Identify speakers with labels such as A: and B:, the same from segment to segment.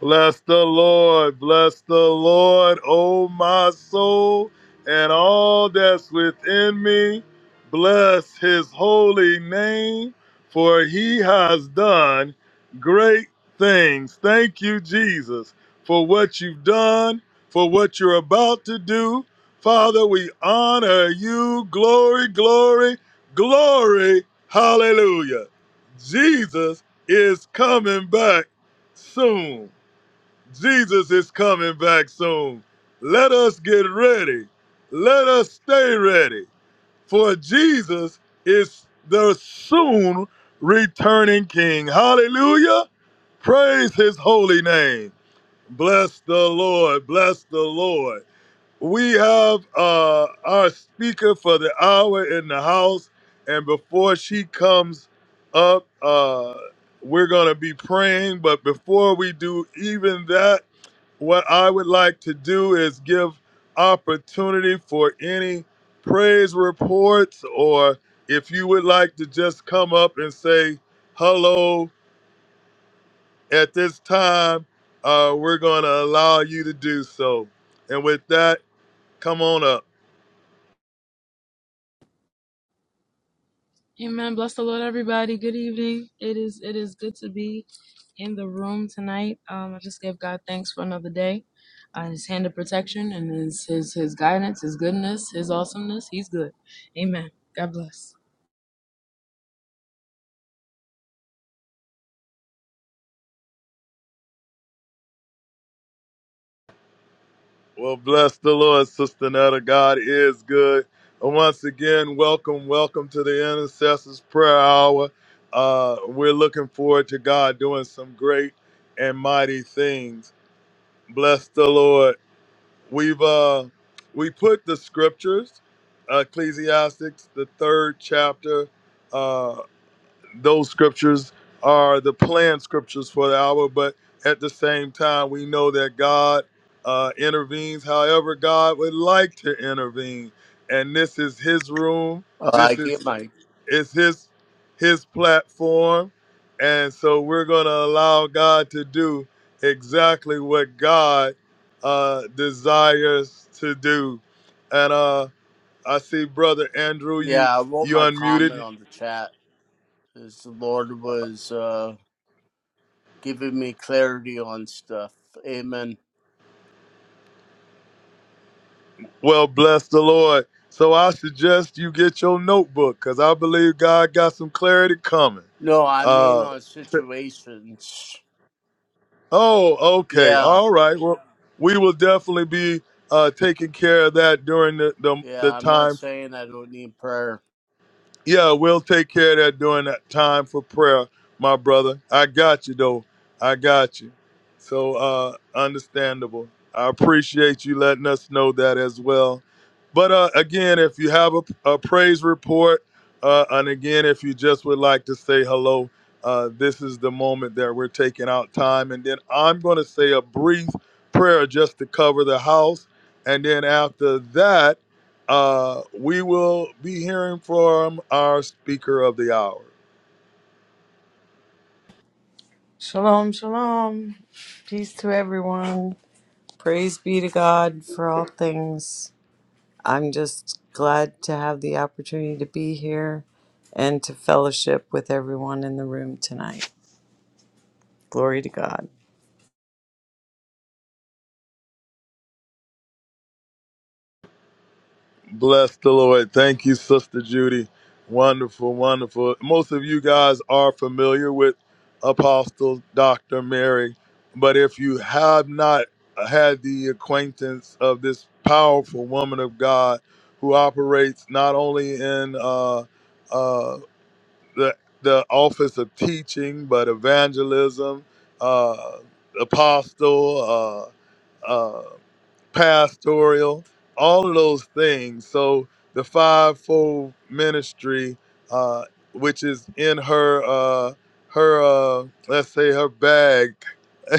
A: Bless the Lord, bless the Lord, O my soul, and all that's within me. Bless his holy name, for he has done great things. Thank you, Jesus, for what you've done, for what you're about to do. Father, we honor you. Glory, glory, glory. Hallelujah. Jesus is coming back soon. Jesus is coming back soon. Let us get ready. Let us stay ready. For Jesus is the soon returning King. Hallelujah. Praise his holy name. Bless the Lord. Bless the Lord. We have uh, our speaker for the hour in the house. And before she comes up, uh, we're going to be praying. But before we do even that, what I would like to do is give opportunity for any praise reports, or if you would like to just come up and say hello at this time, uh, we're going to allow you to do so. And with that, come on up.
B: Amen. Bless the Lord, everybody. Good evening. It is it is good to be in the room tonight. Um, I just give God thanks for another day, uh, His hand of protection and His His His guidance, His goodness, His awesomeness. He's good. Amen. God bless.
A: Well, bless the Lord, Sister Netta. God is good. And once again, welcome, welcome to the Intercessors Prayer Hour. Uh, we're looking forward to God doing some great and mighty things. Bless the Lord. We've uh we put the scriptures, Ecclesiastics, the third chapter. Uh those scriptures are the planned scriptures for the hour, but at the same time we know that God uh intervenes however God would like to intervene. And this is his room.
C: Uh, I
A: This is
C: get my
A: it's his his platform and so we're going to allow god to do exactly what god uh desires to do and uh i see brother andrew you
C: yeah. I wrote
A: you
C: my comment
A: unmuted
C: on the chat as the Lord was uh, giving me clarity on stuff. Amen.
A: well bless the lord so i suggest you get your notebook because i believe god got some clarity coming
C: No, I mean
A: uh
C: on situations.
A: oh okay
C: Yeah,
A: all right well we will definitely be uh, taking care of that during the, the,
C: yeah.
A: the
C: I'm not
A: time
C: saying I don't need prayer.
A: Yeah, we'll take care of that during that time for prayer, my brother. I got you though. I got you. So uh understandable. I appreciate you letting us know that as well. But uh again, if you have a, a praise report, uh and again if you just would like to say hello, uh this is the moment that we're taking out time and then I'm going to say a brief prayer just to cover the house and then after that uh, we will be hearing from our speaker of the hour.
D: Shalom, shalom. Peace to everyone. Praise be to God for all things. I'm just glad to have the opportunity to be here and to fellowship with everyone in the room tonight. Glory to God.
A: Bless the Lord. Thank you, Sister Judy. Wonderful, wonderful. Most of you guys are familiar with Apostle Dr. Mary, but if you have not had the acquaintance of this powerful woman of God who operates not only in uh, uh, the the office of teaching, but evangelism, uh, apostle, uh, uh, pastoral, all of those things. So the fivefold ministry, uh, which is in her uh, her uh, let's say her bag.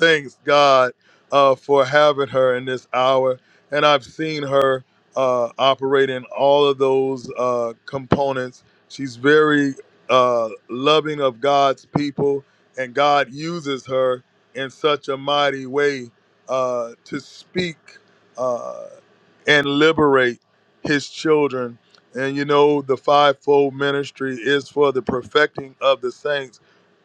A: Thanks God uh, for having her in this hour, and I've seen her uh, operate in all of those uh, components. She's very uh, loving of God's people, and God uses her in such a mighty way uh, to speak uh, and liberate his children. And you know, the fivefold ministry is for the perfecting of the saints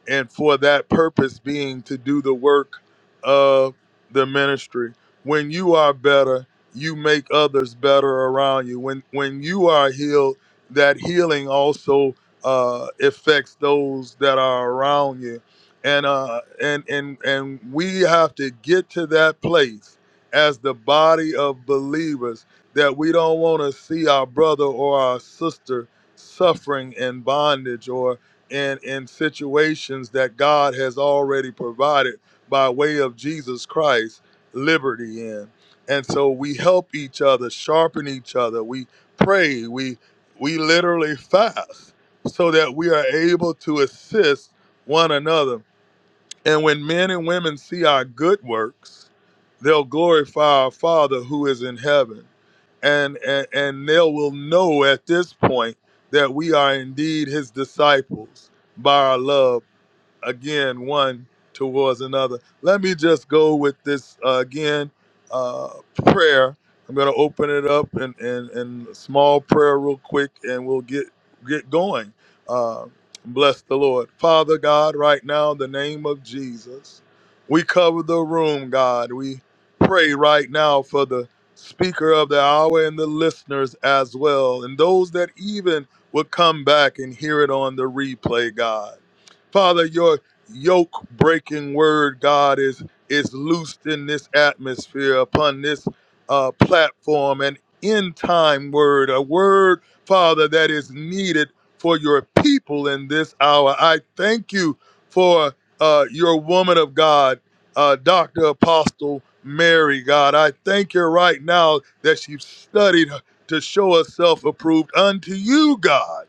A: and for that purpose being to do the work of the ministry. When you are better, you make others better around you. When when you are healed, that healing also uh, affects those that are around you, and uh, and and and we have to get to that place as the body of believers that we don't want to see our brother or our sister suffering in bondage or and in situations that God has already provided by way of Jesus Christ liberty in. And so we help each other, sharpen each other. We pray, we we literally fast so that we are able to assist one another and when men and women see our good works, they'll glorify our Father who is in heaven. And, and, and they will know at this point that we are indeed his disciples by our love again one towards another. Let me just go with this uh, again uh, prayer. I'm going to open it up and and and a small prayer real quick, and we'll get get going. Uh, bless the Lord, Father God. Right now, in the name of Jesus, we cover the room, God. We pray right now for the speaker of the hour and the listeners as well, and those that even will come back and hear it on the replay, God. Father, your yoke breaking word, God, is is loosed in this atmosphere upon this uh, platform, an end time word, a word, Father, that is needed for your people in this hour. I thank you for uh, your woman of God, uh, Dr. Apostle Mary, God. I thank you right now that she studied to show herself approved unto you, God,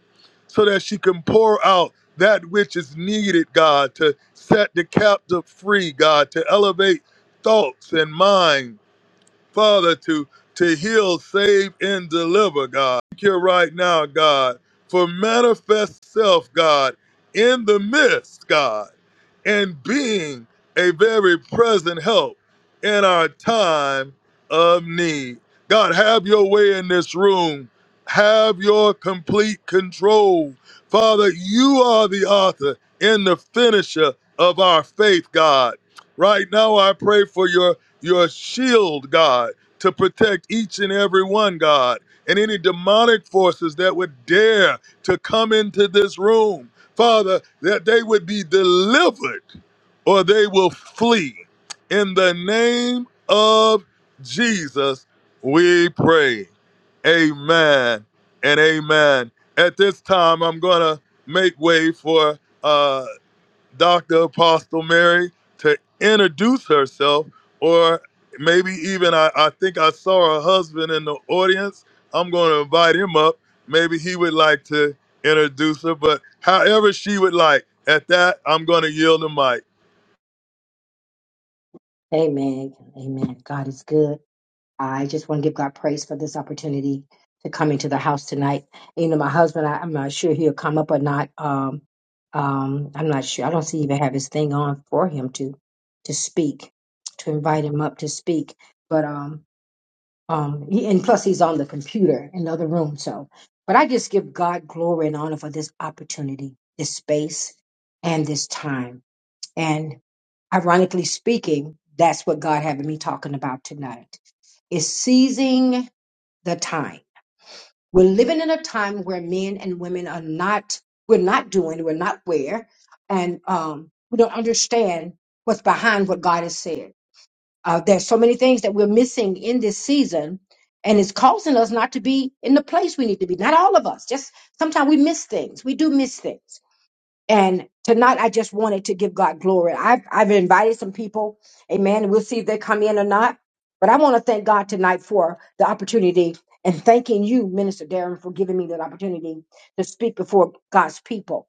A: so that she can pour out that which is needed, God, to set the captive free, God, to elevate thoughts and minds Father, to, to heal, save, and deliver, God. Thank you right now, God, for manifest self, God, in the midst, God, and being a very present help in our time of need. God, have your way in this room. Have your complete control. Father, you are the author and the finisher of our faith, God. Right now, I pray for your your shield, God, to protect each and every one, God, and any demonic forces that would dare to come into this room, Father, that they would be delivered or they will flee. In the name of Jesus, we pray. Amen and amen. At this time, I'm going to make way for. uh, Dr. Apostle Mary to introduce herself, or maybe even I, I think I saw her husband in the audience. I'm going to invite him up. Maybe he would like to introduce her, but however she would like. At that, I'm going to yield the mic.
E: Amen. Amen. God is good. I just want to give God praise for this opportunity to come into the house tonight. You know, my husband, I, I'm not sure he'll come up or not. Um, um, I'm not sure. I don't see he even have his thing on for him to to speak, to invite him up to speak. But um, um, he, and plus he's on the computer in the other room. So, but I just give God glory and honor for this opportunity, this space, and this time ironically speaking, that's what God having me talking about tonight is seizing the time. We're living in a time where men and women are not, we're not doing, we're not where, and um, we don't understand what's behind what God has said. Uh, there's so many things that we're missing in this season, and it's causing us not to be in the place we need to be. Not all of us, just sometimes we miss things. We do miss things. And tonight, I just wanted to give God glory. I've, I've invited some people, amen. We'll see if they come in or not. But I want to thank God tonight for the opportunity and thanking you, Minister Darren, for giving me that opportunity to speak before God's people.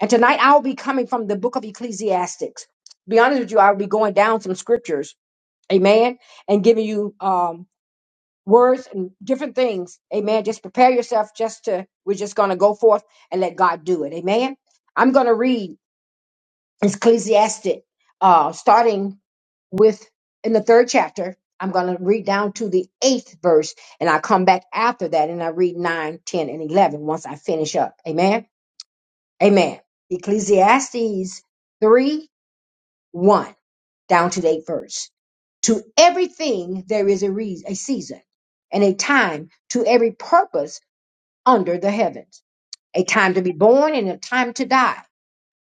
E: And tonight, I'll be coming from the book of Ecclesiastics. To be honest with you, I'll be going down some scriptures, amen, and giving you um, words and different things, amen. Just prepare yourself just to, we're just going to go forth and let God do it, amen. I'm going to read. Ecclesiastic, uh, starting with in the third chapter. I'm going to read down to the eighth verse, and I come back after that, and I read 9, 10, and 11 once I finish up. Amen. Amen. Ecclesiastes 3, 1, down to the eighth verse. To everything there is a reason, a season, and a time to every purpose under the heavens, a time to be born and a time to die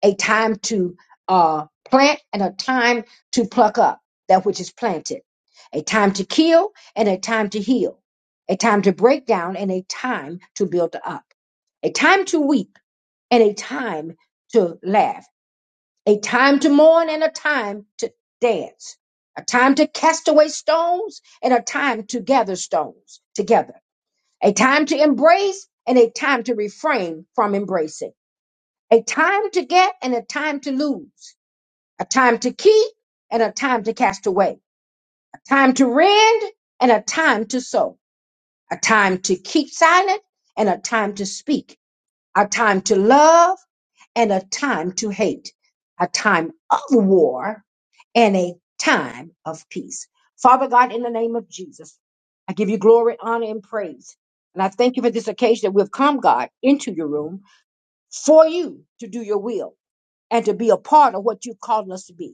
E: a time to uh, plant and a time to pluck up that which is planted, a time to kill and a time to heal, a time to break down and a time to build up, a time to weep and a time to laugh, a time to mourn and a time to dance, a time to cast away stones and a time to gather stones together, a time to embrace and a time to refrain from embracing, a time to get and a time to lose a time to keep and a time to cast away, a time to rend and a time to sow, a time to keep silent and a time to speak, a time to love and a time to hate, a time of war and a time of peace. Father God, in the name of Jesus, I give you glory, honor, and praise. And I thank you for this occasion that we've come, God, into your room for you to do your will and to be a part of what you've called us to be.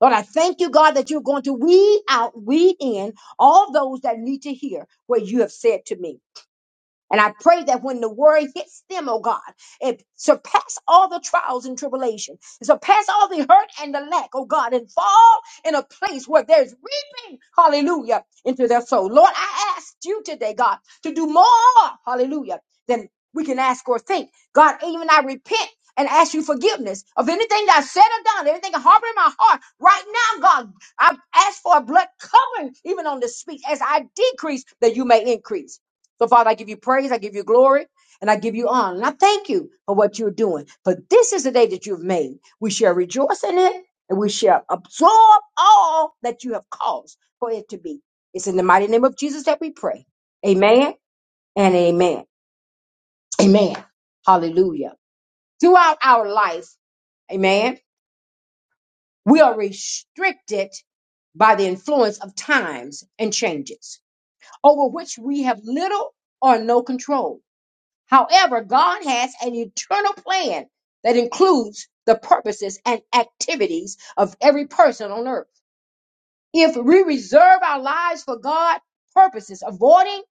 E: Lord, I thank you, God, that you're going to weed out, weed in all those that need to hear what you have said to me. And I pray that when the word hits them, oh God, it surpass all the trials and tribulation, it surpass all the hurt and the lack, oh God, and fall in a place where there's reaping, hallelujah, into their soul. Lord, I ask you today, God, to do more, hallelujah, than we can ask or think. God, even I repent and ask you forgiveness of anything that I said or done, anything harboring in my heart. Right now, God, I ask for a blood covering even on this speech as I decrease that you may increase. So, Father, I give you praise, I give you glory, and I give you honor. And I thank you for what you're doing. For this is the day that you've made. We shall rejoice in it, and we shall absorb all that you have caused for it to be. It's in the mighty name of Jesus that we pray. Amen and amen. Amen. Hallelujah. Throughout our life, amen, we are restricted by the influence of times and changes over which we have little or no control However, God has an eternal plan that includes the purposes and activities of every person on earth. If we reserve our lives for God's purposes, avoiding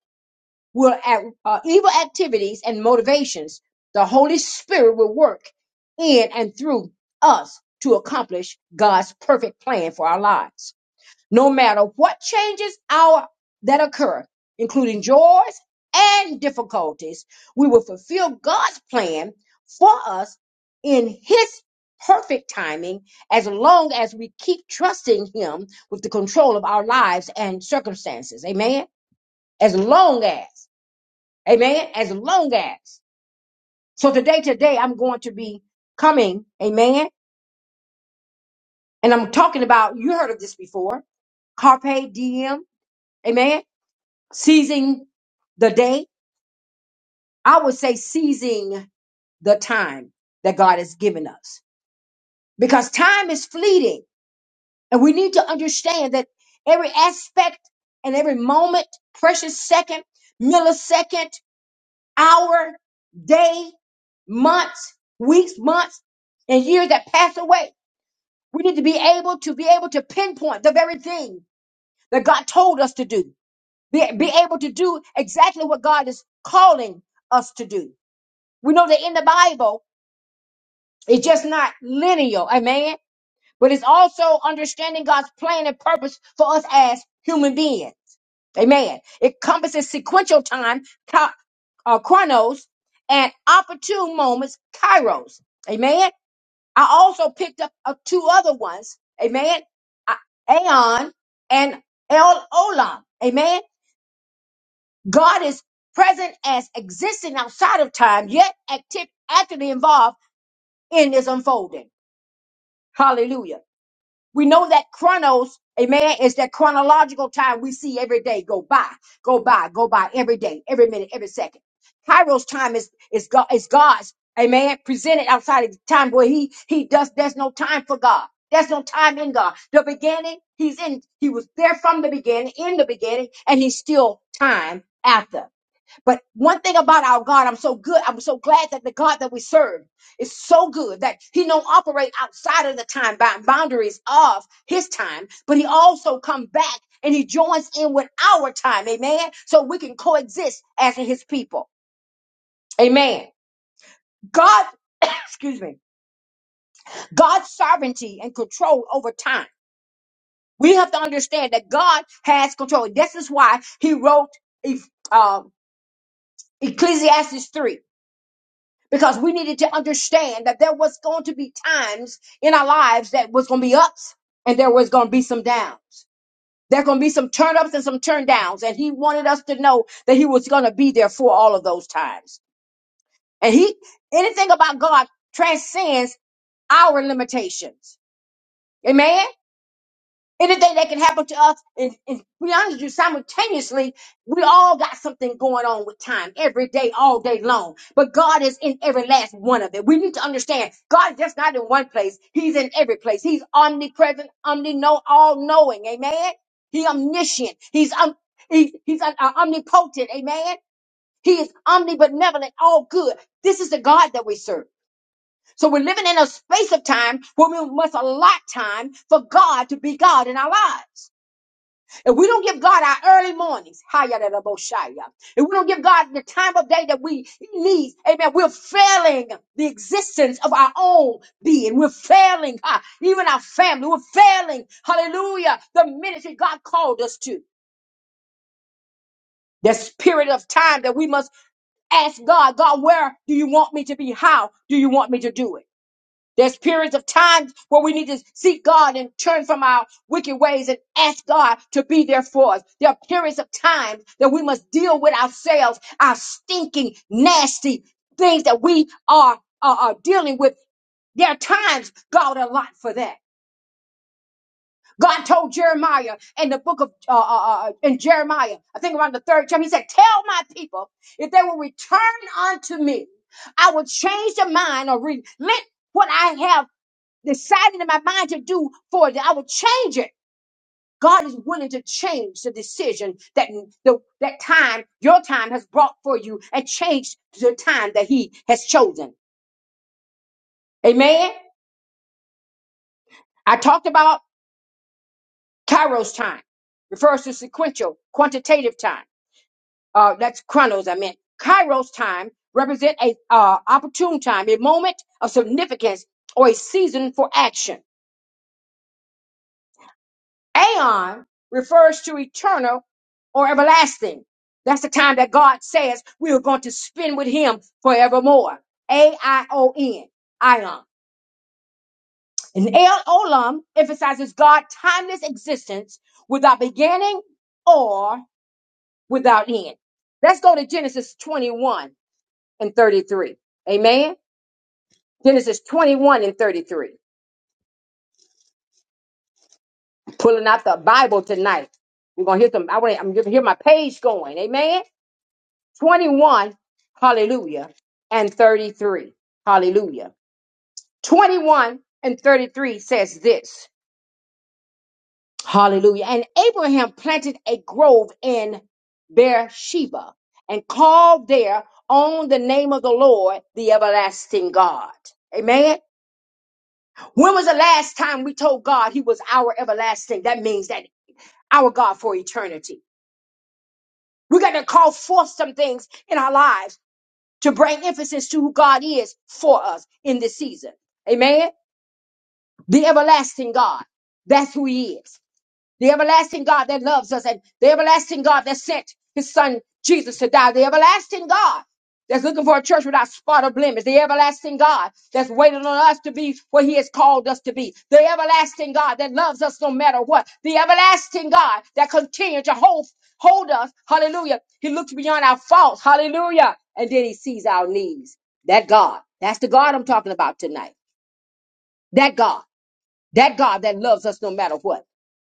E: will act- uh, evil activities and motivations, the Holy Spirit will work in and through us to accomplish God's perfect plan for our lives no matter what changes our that occur, including joys and difficulties, we will fulfill God's plan for us in his perfect timing as long as we keep trusting him with the control of our lives and circumstances. Amen. As long as, amen, as long as. So today, today, I'm going to be coming, amen, and I'm talking about, you heard of this before, carpe diem, amen seizing the day. I would say seizing the time that God has given us because time is fleeting and we need to understand that every aspect and every moment, precious second, millisecond, hour, day, months, weeks, months, and years that pass away. We need to be able to be able to pinpoint the very thing that God told us to do. Be, be able to do exactly what God is calling us to do. We know that in the Bible, it's just not linear, amen. But it's also understanding God's plan and purpose for us as human beings, amen. It encompasses sequential time, co- uh, chronos, and opportune moments, kairos, amen. I also picked up uh, two other ones, amen. A- Aeon and El Olam, amen. God is present as existing outside of time, yet active, actively involved in this unfolding. Hallelujah. We know that chronos, amen, is that chronological time we see every day go by, go by, go by every day, every minute, every second. Kairos time is is God is God's, amen, presented outside of the time where he he does there's no time for God. There's no time in God. The beginning, he's in, he was there from the beginning, in the beginning, and he's still time after. But one thing about our God, I'm so good. I'm so glad that the God that we serve is so good that He don't operate outside of the time bound boundaries of His time, but He also come back and He joins in with our time, Amen. So we can coexist as His people, Amen. God, excuse me, God's sovereignty and control over time. We have to understand that God has control. This is why He wrote. Um, Ecclesiastes 3 because we needed to understand that there was going to be times in our lives that was going to be ups and there was going to be some downs. There going to be some turn ups and some turn downs. And he wanted us to know that he was going to be there for all of those times. And he, anything about God transcends our limitations. Amen. Anything that can happen to us, and, and to be honest with you, simultaneously, we all got something going on with time every day, all day long. But God is in every last one of it. We need to understand God is just not in one place, He's in every place. He's omnipresent, omni-know, all knowing. Amen. He omniscient. He's um, he, he's uh, uh, omnipotent. Amen. He is omnibenevolent, all good. This is the God that we serve. So we're living in a space of time where we must allot time for God to be God in our lives. If we don't give God our early mornings, Hayarabashaya, if we don't give God the time of day that we He needs, amen, we're failing the existence of our own being. We're failing ah, even our family. We're failing, hallelujah, the ministry God called us to. This period of time that we must ask God, God, where do you want me to be? How do you want me to do it? There's periods of time where we need to seek God and turn from our wicked ways and ask God to be there for us. There are periods of time that we must deal with ourselves, our stinking, nasty things that we are, are, are dealing with. There are times God allot for that. God told Jeremiah in the book of uh, uh, uh, uh, in Jeremiah, I think around the third chapter, He said, "Tell my people if they will return unto me, I will change their mind or relent what I have." decided in my mind to do for it, that I will change it. God is willing to change the decision that the, that time, your time has brought for you and change the time that he has chosen. Amen. I talked about Kairos time refers to sequential quantitative time. Uh, that's chronos. I meant Kairos time represent a uh, opportune time, a moment of significance or a season for action. Aeon refers to eternal or everlasting. That's the time that God says we are going to spend with Him forevermore. A I O N, Ion. And El Olam emphasizes God's timeless existence without beginning or without end. Let's go to Genesis 21 and 33. Amen. Genesis 21 and 33. Pulling out the Bible tonight. We're gonna hear some. I want. I'm gonna hear my page going. Amen. 21, hallelujah, and 33, hallelujah. 21 and 33 says this, hallelujah. And Abraham planted a grove in Beersheba and called there on the name of the Lord, the everlasting God. Amen. When was the last time we told God he was our everlasting? That means that our God for eternity. We got to call forth some things in our lives to bring emphasis to who God is for us in this season. Amen. The everlasting God. That's who he is the everlasting God that loves us, and the everlasting God that sent his son Jesus to die, the everlasting God that's looking for a church without spot or blemish, the everlasting God that's waiting on us to be what he has called us to be, the everlasting God that loves us no matter what, the everlasting God that continues to hold, hold us, hallelujah. He looks beyond our faults, hallelujah, and then he sees our needs. That God, that's the God I'm talking about tonight. That God, that God that loves us no matter what.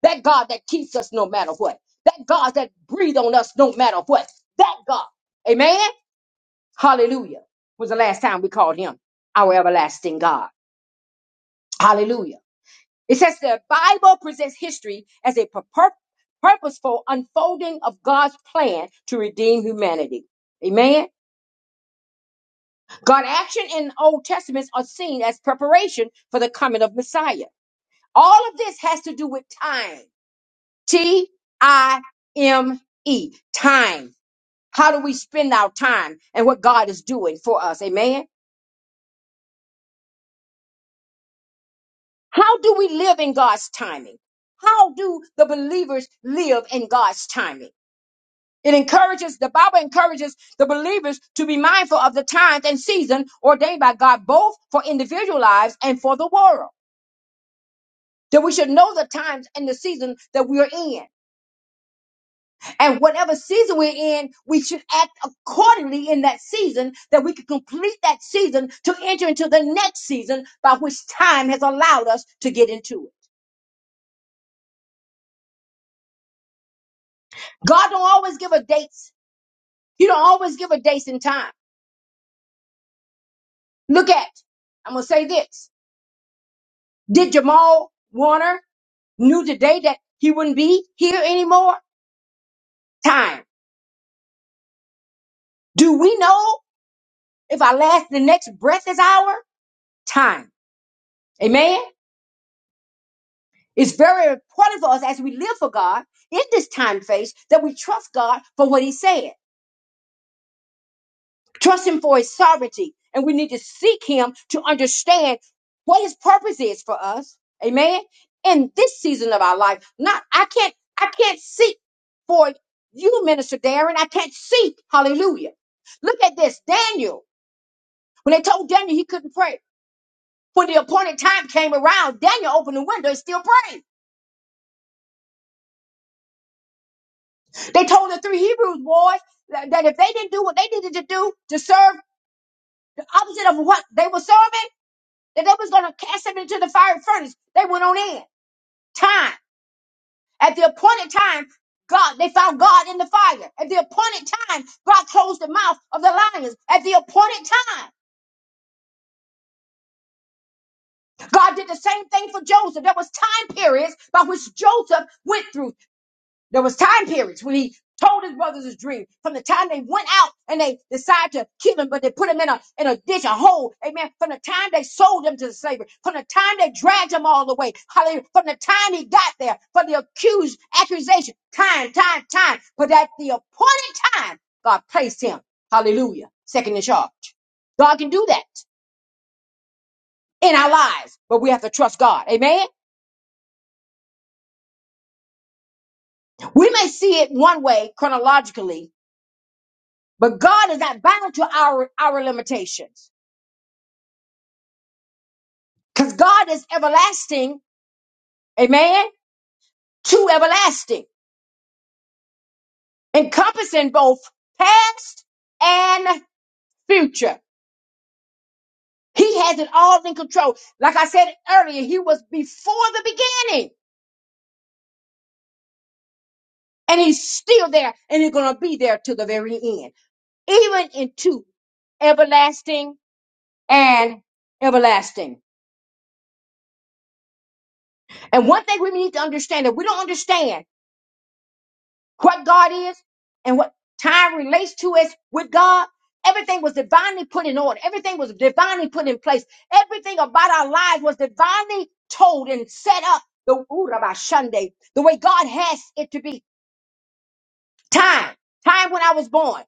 E: That God that keeps us no matter what. That God that breathe on us no matter what. That God. Amen. Hallelujah. Was the last time we called him our everlasting God. Hallelujah. It says the Bible presents history as a pur- pur- purposeful unfolding of God's plan to redeem humanity. Amen. God action in Old Testaments are seen as preparation for the coming of Messiah. All of this has to do with time. T I M E. Time. How do we spend our time and what God is doing for us? Amen. How do we live in God's timing? How do the believers live in God's timing? It encourages, the Bible encourages the believers to be mindful of the times and season ordained by God, both for individual lives and for the world. That we should know the times and the season that we are in. And whatever season we're in, we should act accordingly in that season that we can complete that season to enter into the next season by which time has allowed us to get into it. God don't always give a dates. He don't always give a dates and time. Look at, I'm going to say this. Did Jamal Warner knew today that he wouldn't be here anymore? Time. Do we know if our last, the next breath is our time? Amen. It's very important for us as we live for God in this time phase that we trust God for what He said, trust Him for His sovereignty, and we need to seek Him to understand what His purpose is for us. Amen. In this season of our life, not I can't I can't seek for you, Minister Darren. I can't seek. Hallelujah. Look at this, Daniel. When they told Daniel he couldn't pray, when the appointed time came around, Daniel opened the window and still prayed. They told the three Hebrews boys that that if they didn't do what they needed to do to serve the opposite of what they were serving, that they was going to cast them into the fiery furnace. They went on in. Time. At the appointed time, God, they found God in the fire. At the appointed time, God closed the mouth of the lions. At the appointed time, God did the same thing for Joseph. There was time periods by which Joseph went through. There was time periods when he told his brothers his dream. From the time they went out and they decided to kill him, but they put him in a in a ditch, a hole. Amen. From the time they sold him to slavery, from the time they dragged him all the way, hallelujah. From the time he got there, for the accused accusation, time, time, time. But at the appointed time, God placed him. Hallelujah. Second in charge. God can do that in our lives, but we have to trust God. Amen. We may see it one way chronologically, But God is not bound to our, our limitations because God is everlasting, amen, to everlasting, encompassing both past and future. He has it all in control. Like I said earlier, he was before the beginning and he's still there and he's going to be there to the very end, even into everlasting and everlasting. And one thing we need to understand that we don't understand what God is and what time relates to us with God. Everything was divinely put in order. Everything was divinely put in place. Everything about our lives was divinely told and set up the ooh, Rabbi Sunday, the way God has it to be. Time, time when I was born,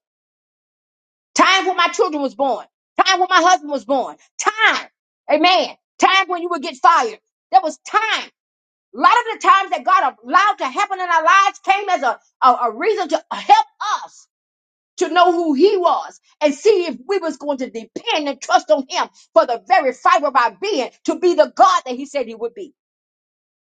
E: time when my children was born, time when my husband was born, time, amen, time when you would get fired. There was time. A lot of the times that God allowed to happen in our lives came as a, a, a reason to help us to know who he was and see if we was going to depend and trust on him for the very fiber of our being to be the God that he said he would be.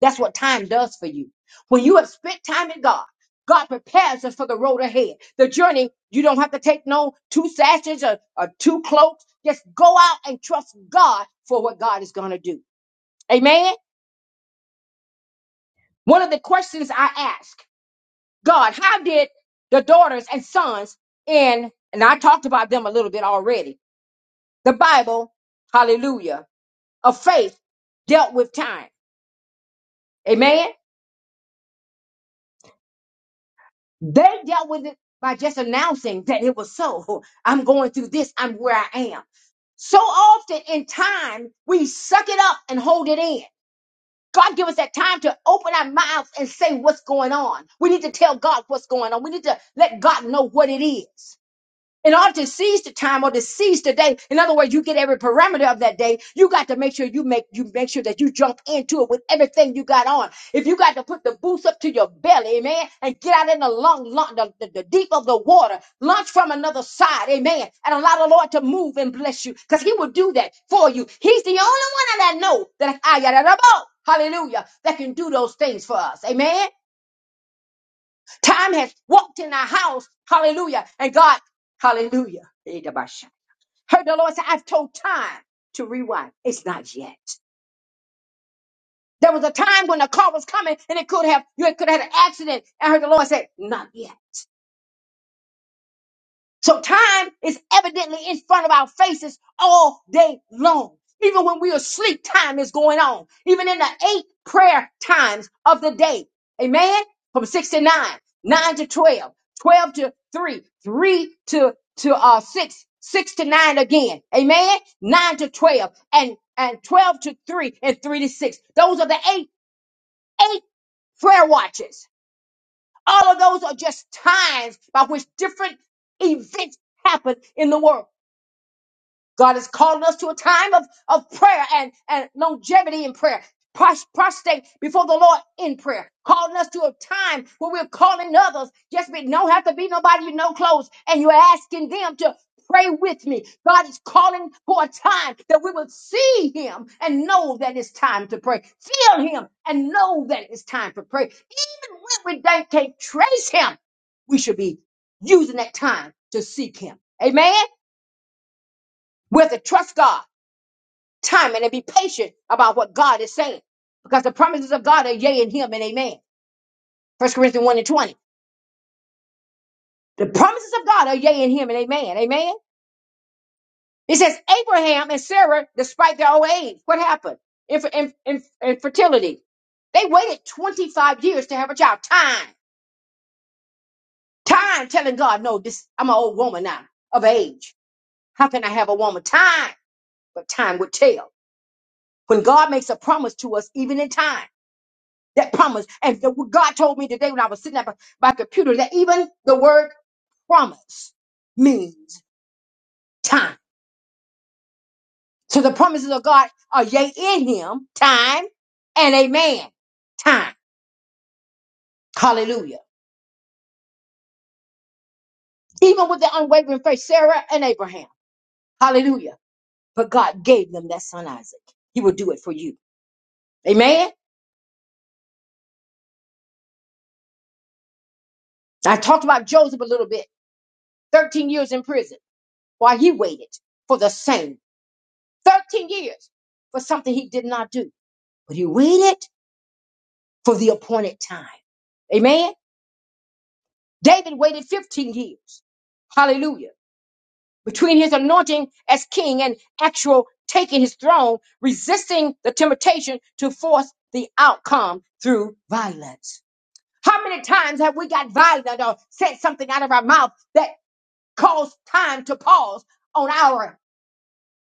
E: That's what time does for you. When you have spent time in God, God prepares us for the road ahead. The journey, you don't have to take no two sashes or, or two cloaks. Just go out and trust God for what God is going to do. Amen. One of the questions I ask God, how did the daughters and sons in, and I talked about them a little bit already The Bible, hallelujah, of faith dealt with time. Amen. They dealt with it by just announcing that it was so. I'm going through this. I'm where I am. So often in time, we suck it up and hold it in. God give us that time to open our mouths and say what's going on. We need to tell God what's going on. We need to let God know what it is. In order to seize the time or to seize the day, in other words, you get every parameter of that day. You got to make sure you make you make sure that you jump into it with everything you got on. If you got to put the boots up to your belly, amen, and get out in the long, long the, the, the deep of the water, launch from another side, amen, and allow the Lord to move and bless you, because He will do that for you. He's the only one that I know that I got a boat. Hallelujah, that can do those things for us, amen. Time has walked in our house, hallelujah, and God, hallelujah. Heard the Lord say, I've told time to rewind. It's not yet. There was a time when the car was coming and it could have, you could have had an accident. I heard the Lord say, not yet. So time is evidently in front of our faces all day long. Even when we are asleep, time is going on. Even in the eight prayer times of the day. Amen. From six to nine, nine to 12, 12 to three, three to, to, uh, six, six to nine again. Amen. Nine to 12 and, and 12 to three and three to six. Those are the eight, eight prayer watches. All of those are just times by which different events happen in the world. God is calling us to a time of, of prayer and, and longevity in prayer. Pros- Prostate before the Lord in prayer, calling us to a time where we're calling others. Just be, don't have to be nobody you know close, and you're asking them to pray with me. God is calling for a time that we will see Him and know that it's time to pray, feel Him and know that it's time for prayer. Even when we don't, can't trace Him, we should be using that time to seek Him. Amen. We have to trust God timing and be patient about what God is saying. Because the promises of God are yea in him and amen. First Corinthians 1 and 20. The promises of God are yea in him and amen. Amen. It says Abraham and Sarah, despite their old age, what happened? Inf- inf- inf- infertility. They waited 25 years to have a child. Time. Time telling God, no, this I'm an old woman now of age. How can I have a woman? Time. But time would tell. When God makes a promise to us, even in time. That promise. And the, God told me today when I was sitting at my, my computer that even the word promise means time. So the promises of God are yea in him, time, and amen, time. Hallelujah. Even with the unwavering faith, Sarah and Abraham. Hallelujah. But God gave them that son Isaac. He will do it for you. Amen. I talked about Joseph a little bit. 13 years in prison while he waited for the same. 13 years for something he did not do. but he waited for the appointed time. Amen. David waited 15 years. Hallelujah. Between his anointing as king and actual taking his throne, resisting the temptation to force the outcome through violence. How many times have we got violent or said something out of our mouth that caused time to pause on our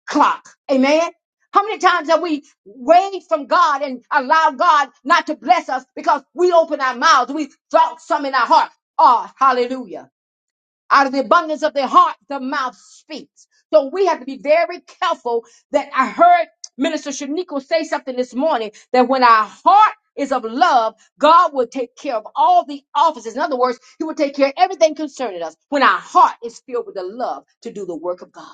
E: clock. Amen. How many times have we waved from God and allowed God not to bless us because we open our mouths, we drop some in our heart. Oh, hallelujah. Out of the abundance of the heart, the mouth speaks. So we have to be very careful that I heard Minister Shaniqua say something this morning that when our heart is of love, God will take care of all the offices. In other words, He will take care of everything concerning us when our heart is filled with the love to do the work of God.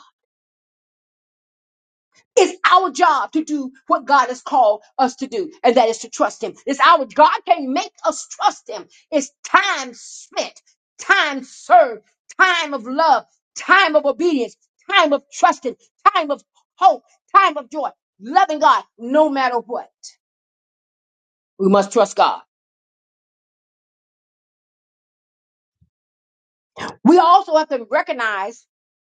E: It's our job to do what God has called us to do, and that is to trust Him. It's our God can make us trust Him. It's time spent, time served, time of love, time of obedience, time of trusting, time of hope, time of joy, loving God no matter what. We must trust God. We also have to recognize,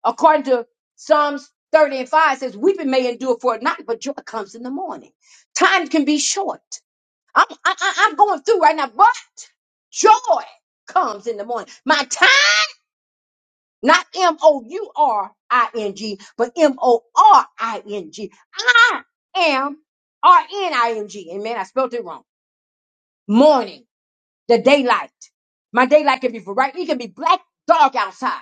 E: according to Psalms 30 and 5 says, weeping may endure for a night, but joy comes in the morning. Time can be short. I'm, I, I- I'm going through right now, but joy comes in the morning. My time, not M O U R I N G, but M O R I N G. I am R N I N G. And man, I spelled it wrong. Morning, the daylight. My daylight can be bright, it can be black, dark outside.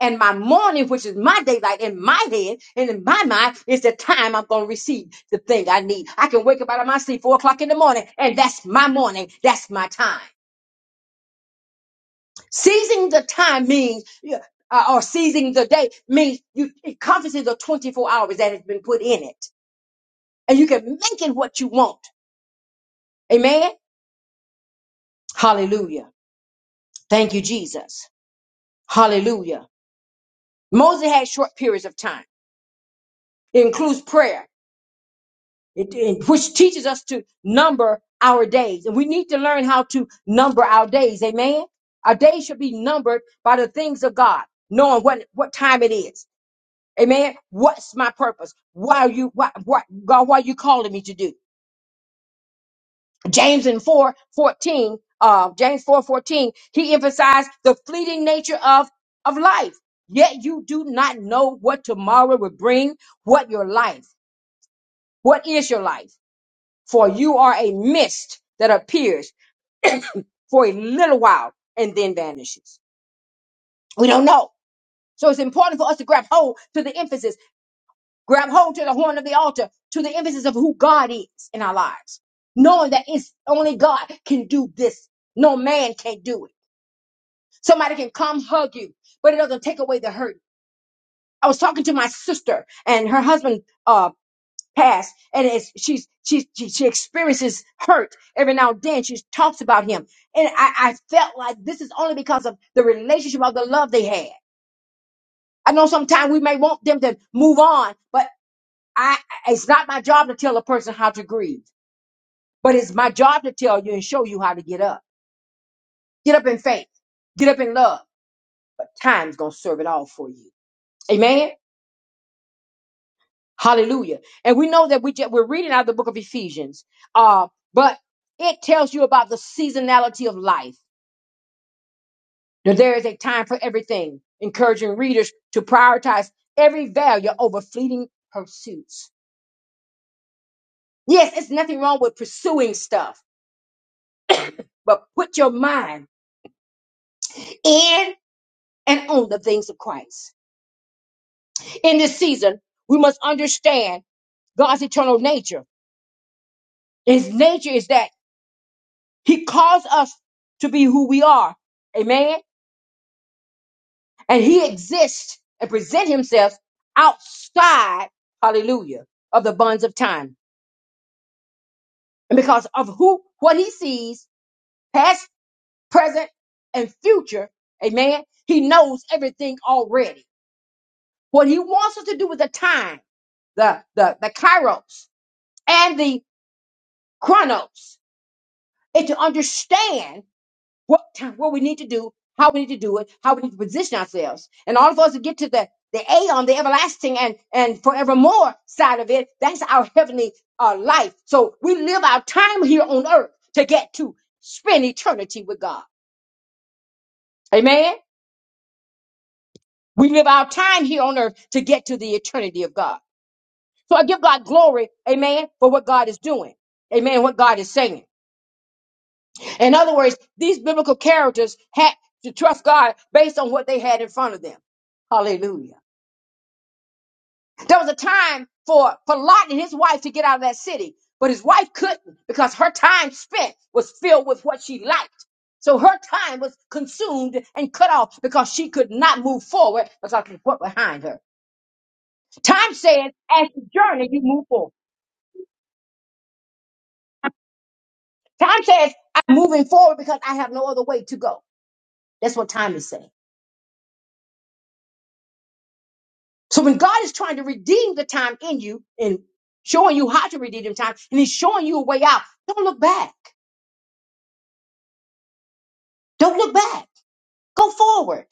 E: And my morning, which is my daylight in my head and in my mind, is the time I'm going to receive the thing I need. I can wake up out of my sleep four o'clock in the morning, and that's my morning. That's my time. Seizing the time means, yeah, uh, or seizing the day means you, it encompasses the 24 hours that has been put in it. And you can make it what you want. Amen? Hallelujah. Thank you, Jesus. Hallelujah. Moses had short periods of time. It includes prayer, it, it- which teaches us to number our days. And we need to learn how to number our days. Amen? Our days should be numbered by the things of God, knowing what, what time it is. Amen. What's my purpose? Why are you, why, why, God, why are you calling me to do? James in 4 14, uh, James 4 14, he emphasized the fleeting nature of, of life. Yet you do not know what tomorrow will bring, what your life, what is your life? For you are a mist that appears for a little while and then vanishes. We don't know. So it's important for us to grab hold to the emphasis Grab hold to the horn of the altar, to the emphasis of who God is in our lives, knowing that it's only God can do this. No man can do it. Somebody can come hug you, but it doesn't take away the hurt. I was talking to my sister, and her husband uh, passed, and it's, she's she, she she experiences hurt every now and then. She talks about him, and I, I felt like this is only because of the relationship of the love they had. I know sometimes we may want them to move on, but I it's not my job to tell a person how to grieve, but it's my job to tell you and show you how to get up. Get up in faith. Get up in love. But time's gonna serve it all for you. Amen. Hallelujah. And we know that we just, we're reading out of the book of Ephesians. Uh, but it tells you about the seasonality of life. That there is a time for everything, encouraging readers to prioritize every value over fleeting pursuits. Yes, it's nothing wrong with pursuing stuff, but put your mind in. and own the things of Christ. In this season, we must understand God's eternal nature. His nature is that He calls us to be who we are. Amen. And He exists and present Himself outside, hallelujah, of the bonds of time. And because of who, what He sees, past, present, and future, amen, He knows everything already. What He wants us to do with the time, the, the, the kairos and the chronos, and to understand what time, what we need to do, how we need to do it, how we need to position ourselves. And all of us to get to the the A on the everlasting and and forevermore side of it. That's our heavenly uh, life. So we live our time here on earth to get to spend eternity with God. Amen. We live our time here on earth to get to the eternity of God. So I give God glory, amen, for what God is doing. Amen, what God is saying. In other words, these biblical characters had to trust God based on what they had in front of them. Hallelujah. There was a time for, for Lot and his wife to get out of that city, but his wife couldn't because her time spent was filled with what she liked. So her time was consumed and cut off because she could not move forward because of what behind her. Time says, as you journey, you move forward. Time says, I'm moving forward because I have no other way to go. That's what time is saying. So when God is trying to redeem the time in you and showing you how to redeem the time, and He's showing you a way out, don't look back. Don't look back. Go forward.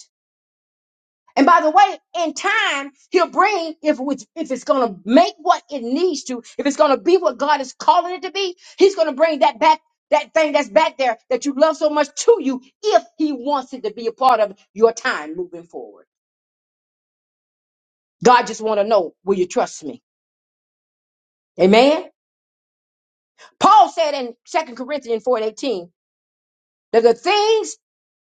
E: And by the way, in time, He'll bring if it's, if it's going to make what it needs to, if it's going to be what God is calling it to be, He's going to bring that back. That thing that's back there that you love so much to you, if he wants it to be a part of your time moving forward. God just want to know, will you trust me? Amen. Paul said in Second Corinthians 4 and 18, that the things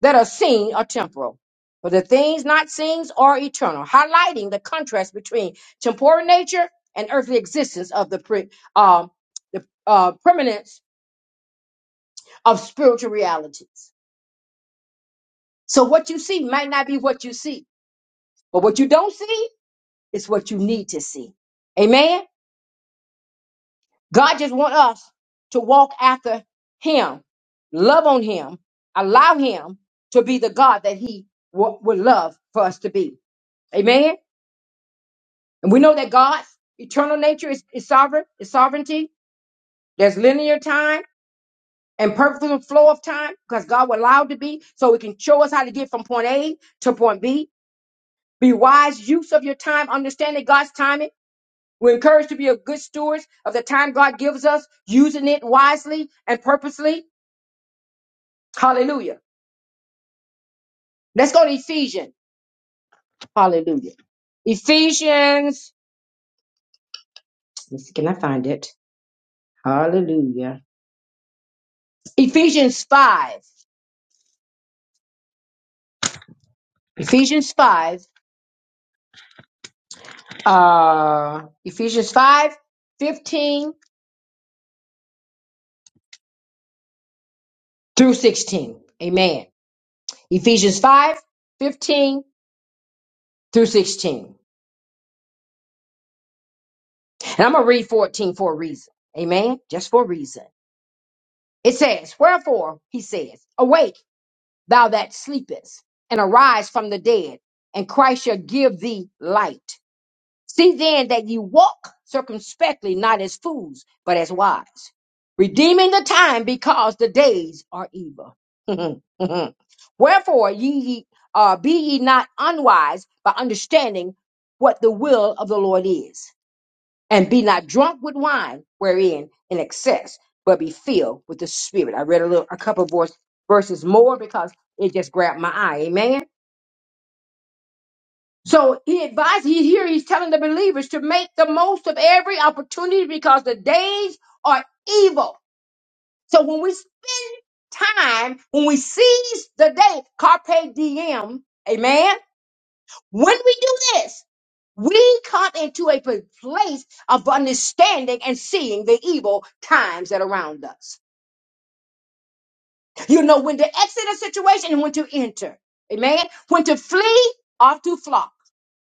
E: that are seen are temporal, but the things not seen are eternal, highlighting the contrast between temporal nature and earthly existence of the, pre, um, the uh, permanence of spiritual realities. So what you see might not be what you see, but what you don't see is what you need to see. Amen. God just wants us to walk after Him, love on Him, allow Him to be the God that He w- would love for us to be. Amen. And we know that God's eternal nature is, is sovereign, is sovereignty. There's linear time and perfect flow of time because God will allow it to be so He can show us how to get from point A to point B. Be wise use of your time, understanding God's timing. We're encouraged to be a good stewards of the time God gives us, using it wisely and purposely. Hallelujah. Let's go to Ephesians. Hallelujah. Ephesians. let's see, Can I find it? Hallelujah. Ephesians 5. Ephesians 5. uh Ephesians 5 15 through 16. Amen. Ephesians 5 15 through 16. And I'm gonna read 14 for a reason. Amen. Just for a reason. It says, Wherefore, he says, Awake, thou that sleepest, and arise from the dead, and Christ shall give thee light. See then that ye walk circumspectly, not as fools, but as wise, redeeming the time because the days are evil. Wherefore ye ye- uh, be ye not unwise by understanding what the will of the Lord is, and be not drunk with wine wherein in excess, but be filled with the Spirit. I read a little, a couple of verse- verses more because it just grabbed my eye. So he advised, he here he's telling the believers to make the most of every opportunity because the days are evil. So when we spend time, when we seize the day, carpe diem, amen. When we do this, we come into a p- place of understanding and seeing the evil times that are around us. You know when to exit a situation and when to enter. Amen. When to flee or to fly.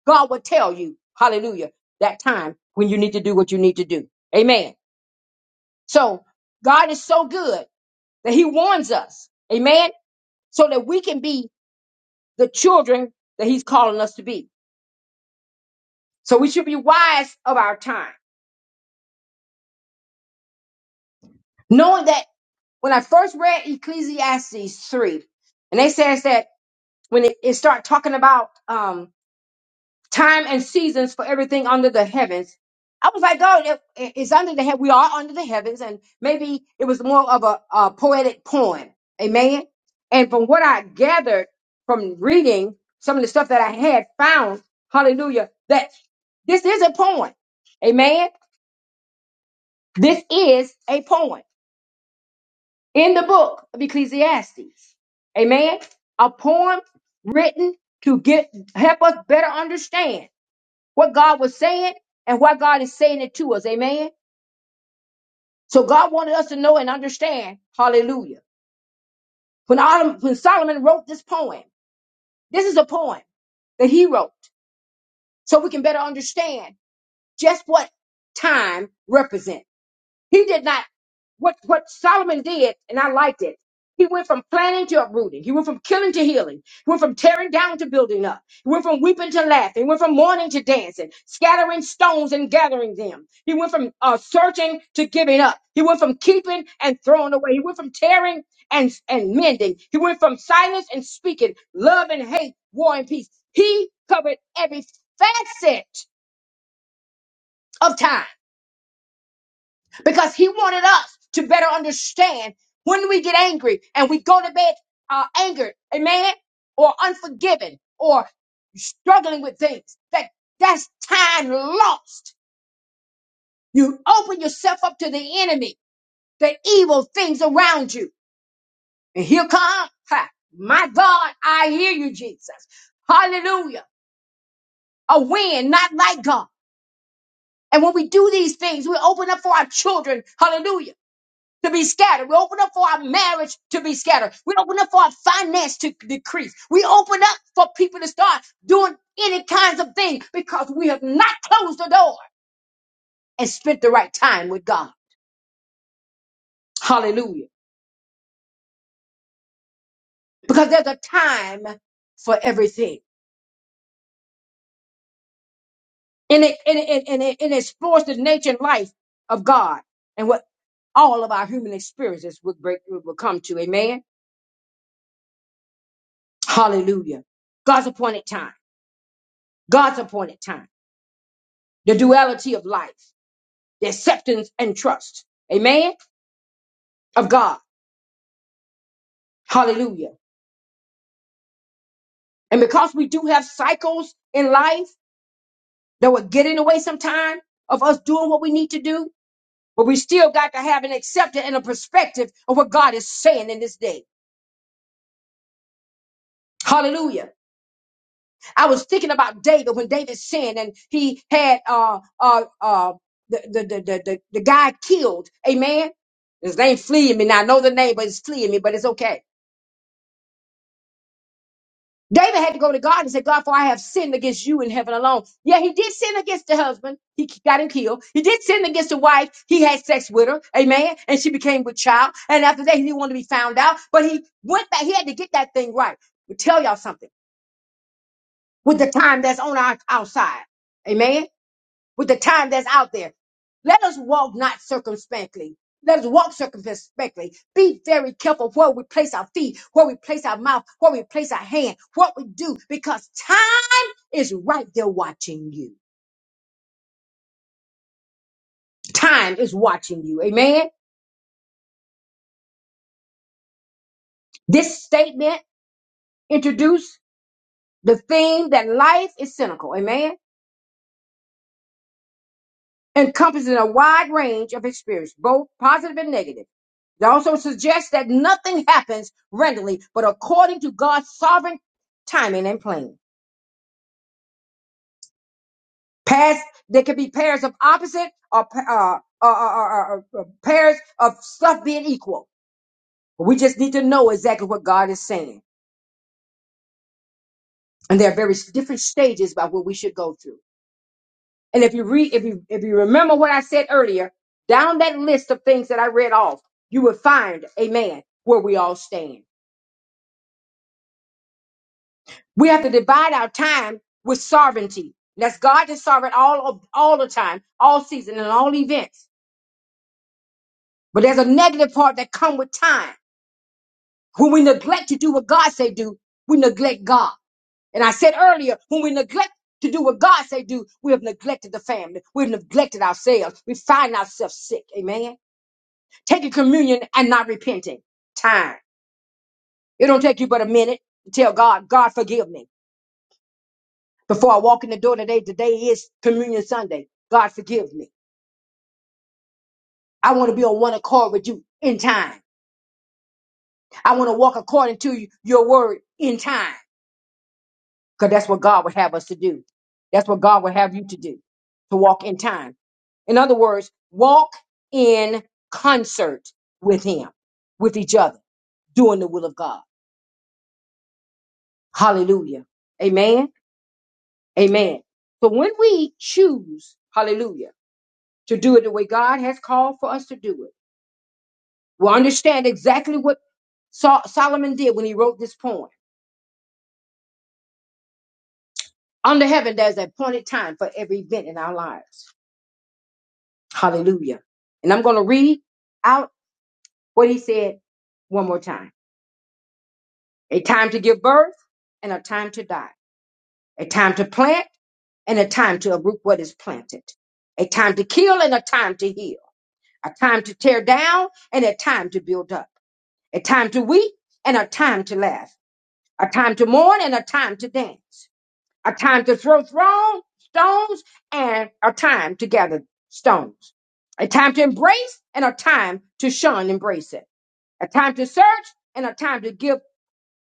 E: God will tell you, hallelujah, that time when you need to do what you need to do. Amen. So God is so good that he warns us. Amen. So that we can be the children that he's calling us to be. So we should be wise of our time, knowing that when I first read Ecclesiastes 3, and they says that when it, it start talking about, um. time and seasons for everything under the heavens. I was like, God, it, it's under the heaven. We are under the heavens, and maybe it was more of a, a poetic poem. Amen. And from what I gathered from reading some of the stuff that I had found, hallelujah, that this is a poem. Amen. This is a poem in the book of Ecclesiastes. Amen. A poem written to get help us better understand. what God was saying and why God is saying it to us. Amen. So God wanted us to know and understand. Hallelujah. When, Adam, when Solomon wrote this poem, this is a poem that he wrote so we can better understand just what time represents. He did not what what Solomon did, and I liked it. He went from planning to uprooting. He went from killing to healing. He went from tearing down to building up. He went from weeping to laughing. He went from mourning to dancing, scattering stones and gathering them. He went from uh, searching to giving up. He went from keeping and throwing away. He went from tearing and, and mending. He went from silence and speaking, love and hate, war and peace. He covered every facet of time. because he wanted us to better understand when we get angry and we go to bed uh, angered, amen, or unforgiven, or struggling with things. That that's time lost. You open yourself up to the enemy, the evil things around you, and here come ha, my God. I hear you, Jesus. Hallelujah. A win, not like God. And when we do these things, we open up for our children. Hallelujah to be scattered. We open up for our marriage to be scattered. We open up for our finance to decrease. We open up for people to start doing any kinds of things because we have not closed the door and spent the right time with God. Hallelujah. Because there's a time for everything. And it, and it, and it, and it explores the nature and life of God and what all of our human experiences will break will come to. Amen. Hallelujah. God's appointed time. God's appointed time. The duality of life. the acceptance and trust, amen, of God. Hallelujah. And because we do have cycles in life that will get in the way sometime of us doing what we need to do, but we still got to have an acceptance and a perspective of what God is saying in this day. Hallelujah. I was thinking about David when David sinned and he had uh uh uh the the the the, the, the guy killed, amen. His name fleeing me now. I know the name, but it's fleeing me, but it's okay. David had to go to God and say, God, for I have sinned against you in heaven alone. Yeah, he did sin against the husband. He k- got him killed. He did sin against the wife. He had sex with her. Amen. And she became with child. And after that, he didn't want to be found out. But he went back. He had to get that thing right. We tell y'all something with the time that's on our outside. Amen with the time that's out there. Let us walk not circumspectly. Let us walk circumspectly. Be very careful where we place our feet, where we place our mouth, where we place our hand, what we do, because time is right there watching you. Time is watching you. Amen. This statement introduced the theme that life is cynical. Amen. Encompassing a wide range of experience, both positive and negative It also suggests that nothing happens randomly, but according to God's sovereign timing and plan. Past, there could be pairs of opposite or, pa- uh, or, or, or, or- or pairs of stuff being equal. We just need to know exactly what God is saying. And there are very different stages by what we should go through. And if you read, if you, if you remember what I said earlier, down that list of things that I read off, you will find, amen, where we all stand. We have to divide our time with sovereignty. That's God is sovereign all of, all the time, all season, and all events. But there's a negative part that come with time. When we neglect to do what God say do, we neglect God. And I said earlier, when we neglect to do what God say do, we have neglected the family. We've neglected ourselves. We find ourselves sick. Amen. Taking communion and not repenting. Time. It don't take you but a minute to tell God, God forgive me. Before I walk in the door today, today is communion Sunday. God forgive me. I want to be on one accord with you in time. I want to walk according to you, your word in time. Because that's what God would have us to do. That's what God would have you to do, to walk in time. In other words, walk in concert with Him, with each other, doing the will of God. Hallelujah. Amen. Amen. So when we choose, hallelujah, to do it the way God has called for us to do it, we'll understand exactly what Sol- Solomon did when he wrote this poem. Under heaven, there's an appointed time for every event in our lives. Hallelujah. And I'm going to read out what he said one more time a time to give birth and a time to die, a time to plant and a time to uproot what is planted, a time to kill and a time to heal, a time to tear down and a time to build up, a time to weep and a time to laugh, a time to mourn and a time to dance. a time to throw thrown stones and a time to gather stones, a time to embrace and a time to shun embracing. a time to search and a time to give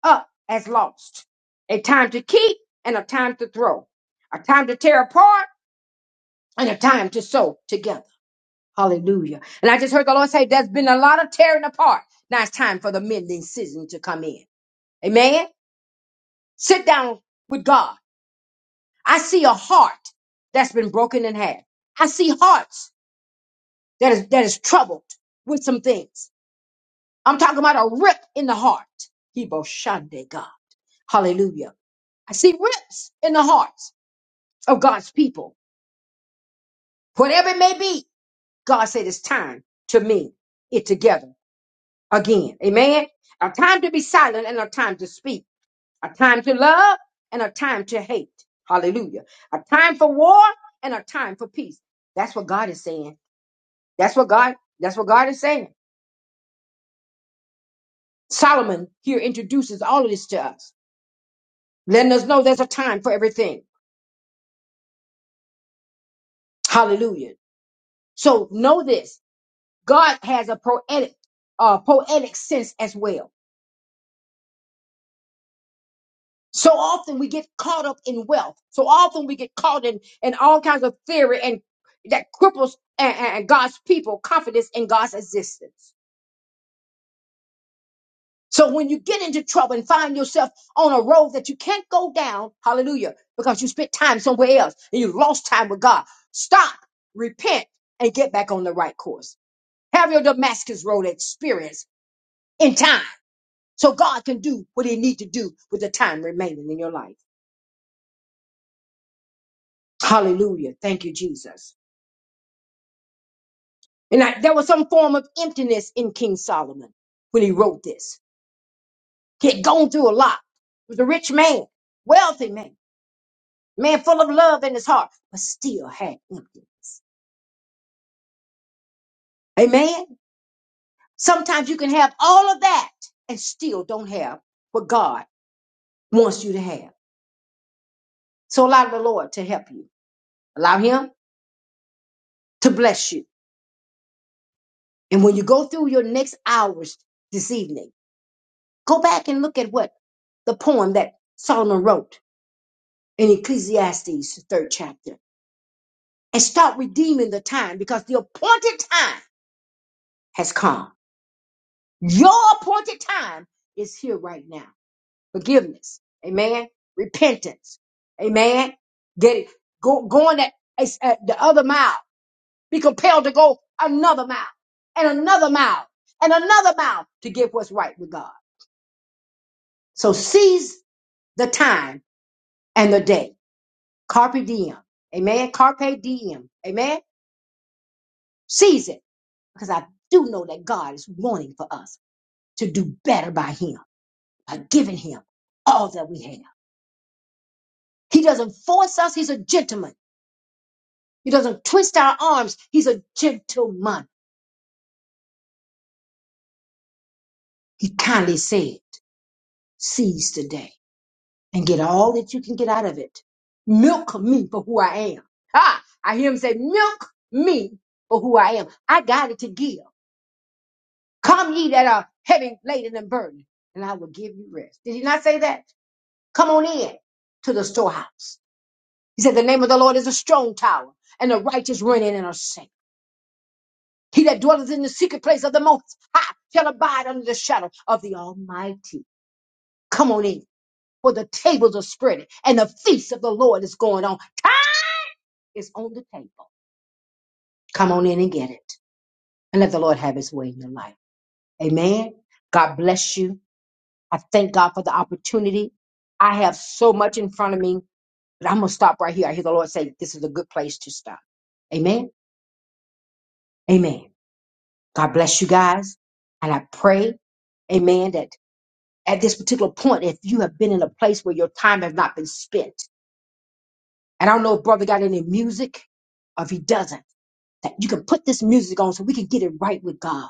E: up as lost, a time to keep and a time to throw, a time to tear apart and a time to sew together. Hallelujah. And I just heard the Lord say there's been a lot of tearing apart. Now it's time for the mending season to come in. Amen. Sit down with God I see a heart that's been broken in half. I see hearts that is that is troubled with some things. I'm talking about a rip in the heart. Hebo Shande God. Hallelujah. I see rips in the hearts of God's people. Whatever it may be, God said it's time to mend it together again. Amen. A time to be silent and a time to speak. A time to love and a time to hate. Hallelujah. A time for war and a time for peace. That's what God is saying. That's what God, that's what God is saying. Solomon here introduces all of this to us, letting us know there's a time for everything. Hallelujah. So know this. God has a poetic, uh, poetic sense as well. So often we get caught up in wealth. So often we get caught in, in all kinds of theory and that cripples and, and God's people confidence in God's existence. So when you get into trouble and find yourself on a road that you can't go down, hallelujah, because you spent time somewhere else and you lost time with God, stop, repent, and get back on the right course. Have your Damascus Road experience in time so God can do what he need to do with the time remaining in your life. Hallelujah. Thank you, Jesus. And I, there was some form of emptiness in King Solomon when he wrote this. He had gone through a lot. He was a rich man, wealthy man. Man full of love in his heart, but still had empty. Amen. Sometimes you can have all of that and still don't have what God wants you to have. So allow the Lord to help you. Allow him to bless you. And when you go through your next hours this evening, go back and look at what the poem that Solomon wrote in Ecclesiastes, the third chapter, and start redeeming the time because the appointed time has come. Your appointed time is here right now. forgiveness. Amen. Repentance. Amen. Get it. Go, going that it's, uh, the other mile. Be compelled to go another mile and another mile and another mile to get what's right with God. So seize the time and the day. Carpe diem. Amen. Carpe diem. Amen. Seize it because I do know that God is wanting for us to do better by Him, by giving Him all that we have. He doesn't force us. He's a gentleman. He doesn't twist our arms. He's a gentleman. He kindly said, seize the day and get all that you can get out of it. Milk me for who I am. Ah, I hear him say, milk me for who I am. I got it to give. Come ye that are heavy laden and burdened, and I will give you rest. Did he not say that? Come on in to the storehouse. He said, the name of the Lord is a strong tower, and the righteous run in and are safe. He that dwelleth in the secret place of the Most High shall abide under the shadow of the Almighty. Come on in, for the tables are spreading and the feast of the Lord is going on. Time is on the table. Come on in and get it, and let the Lord have His way in your life. Amen. God bless you. I thank God for the opportunity. I have so much in front of me, but I'm gonna stop right here. I hear the Lord say, "This is a good place to stop." Amen. Amen. God bless you guys, and I pray, Amen, that at this particular point if you have been in a place where your time has not been spent. And I don't know if brother got any music or if he doesn't, that you can put this music on so we can get it right with God.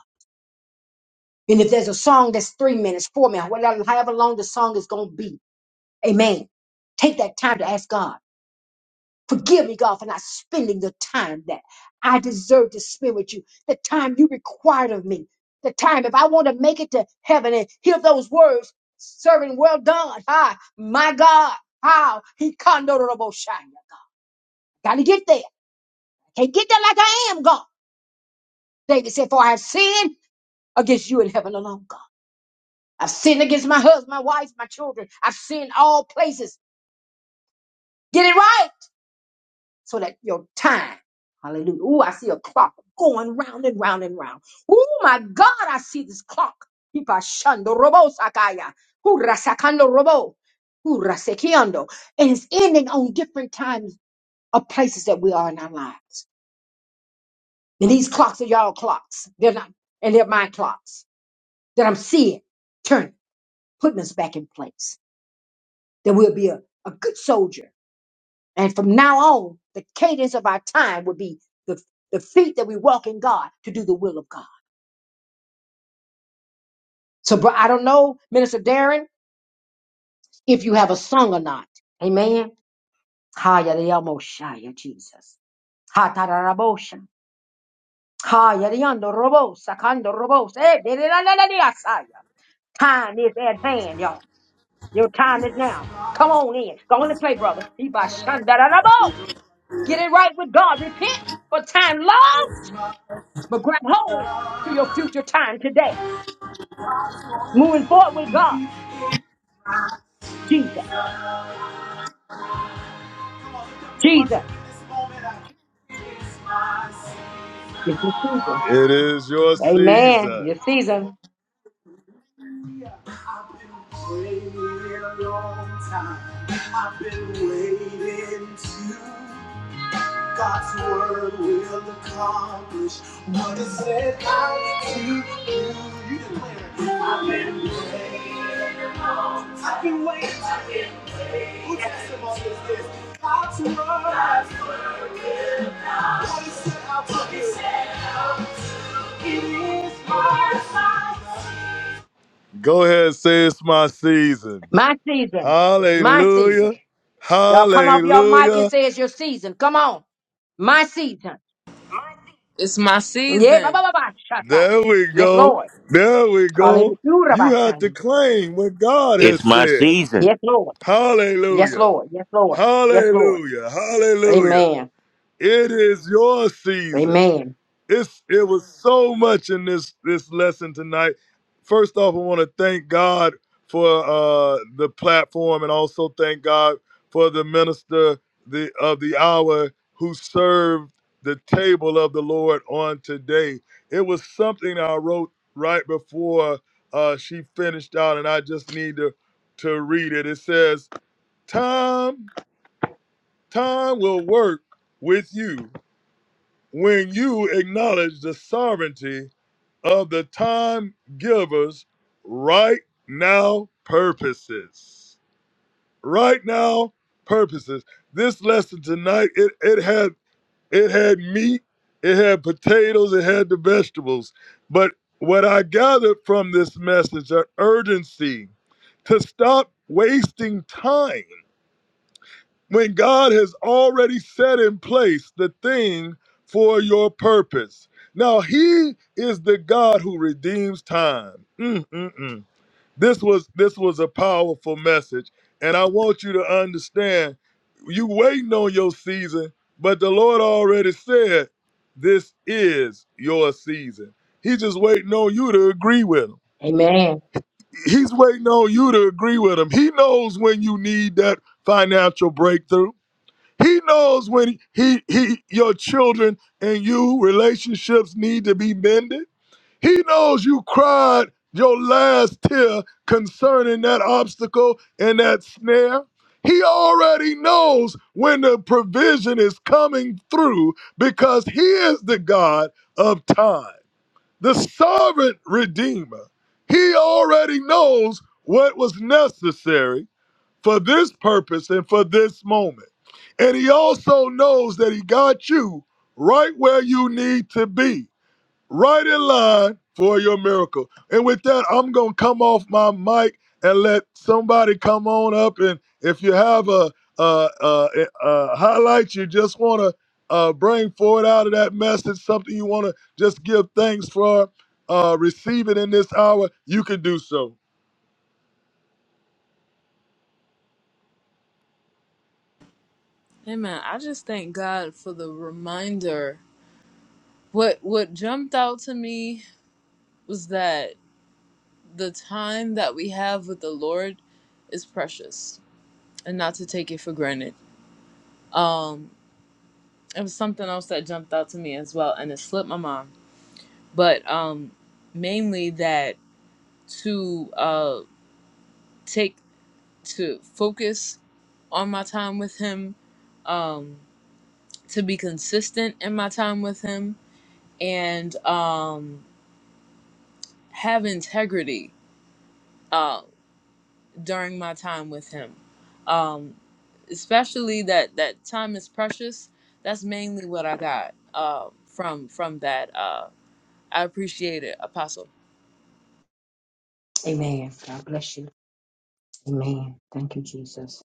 E: And if there's a song that's three minutes, four minutes, whatever- however long the song is going to be, amen. Take that time to ask God. Forgive me, God, for not spending the time that I deserve to spend with you, the time you required of me, the time if I want to make it to heaven and hear those words, serving well done. Ah, my God, how he condolable shine. Gotta get there. Can't get there like I am, God. David said, For I have sinned against you in heaven alone, God. I've sinned against my husband, my wife, my children. I've sinned all places. Get it right. so that your time, hallelujah. Ooh, I see a clock going round and round and round. Ooh, my God, I see this clock. Hipashando robo sakaya. Hurasakando robo. Hurasekiando. And it's ending on different times of places that we are in our lives. And these clocks are y'all clocks. They're not, and they're my clocks that I'm seeing, turning, putting us back in place. That we'll be a, a good soldier And from now on, the cadence of our time would be the, the feet that we walk in God to do the will of God. So, bro, I don't know, Minister Darren, if you have a song or not. Amen. Haya de amo shaya, Jesus. Ha ta da da bo sha. Haya de yando robo, sakando robo. Eh, de de da da da de asaya. Time is at hand, y'all. Your time is now. Come on in. Go on and play, brother. He by shanda da da bo. Get it right with God. Repent for time long. But grab hold to your future time today. Moving forward with God. Jesus. Jesus. It's your season.
A: It is your
E: Amen.
A: season.
E: Your season.
A: Go ahead, and say it's my season.
E: My season. It's my
A: Hallelujah.
E: season. Y'all come off your mic and
A: Hallelujah.
E: say it's your season. Come on. My season.
B: It's my
E: Yeah. ba,
B: season.
E: ba, ba, ba, shaka.
A: There we
E: Yes,
A: go.
E: Lord.
A: There we
E: Hallelujah.
A: go. You
E: Rabba,
A: have
E: shaka.
A: to claim what God has
F: It's my
A: said.
F: season.
E: Yes, Lord. Yes,
A: Hallelujah.
E: Lord. Yes, Lord. Yes, Lord.
A: Hallelujah. Hallelujah.
E: Amen.
A: It is your season.
E: Amen.
A: It's it was so much in this this lesson tonight. First off, I want to thank God for uh the platform and also thank God for the minister the of the hour who served the table of the Lord on today. It was something I wrote right before uh she finished out and I just need to to read it. It says Time, time will work with you when you acknowledge the sovereignty of the time giver's right now purposes. Right now purposes. This lesson tonight, it, it had it had meat, it had potatoes, it had the vegetables. But what I gathered from this message, an urgency to stop wasting time when God has already set in place the thing for your purpose. Now he is the God who redeems time. Mm, mm, mm. This was this was a powerful message and I want you to understand you waiting on your season, but the Lord already said this is your season. He's just waiting on you to agree with him.
E: Amen.
A: He's waiting on you to agree with him. He knows when you need that financial breakthrough. He knows when he, he he your children and you relationships need to be mended. He knows you cried your last tear concerning that obstacle and that snare. He already knows when the provision is coming through because he is the God of time, the sovereign redeemer. He already knows what was necessary for this purpose and for this moment. And he also knows that he got you right where you need to be, right in line for your miracle. And with that, I'm going to come off my mic and let somebody come on up. And if you have a, a, a, a highlight you just want to uh, bring forward out of that message, something you want to just give thanks for uh, receiving in this hour, you can do so.
B: Amen. I just thank God for the reminder. What what jumped out to me was that the time that we have with the Lord is precious and not to take it for granted. Um it was something else that jumped out to me as well and it slipped my mind but um mainly that to uh take to focus on my time with him um to be consistent in my time with him and um have integrity uh during my time with him um especially that that time is precious that's mainly what i got uh from from that uh i appreciate it apostle
E: Amen. God bless you. Amen. Thank you, Jesus.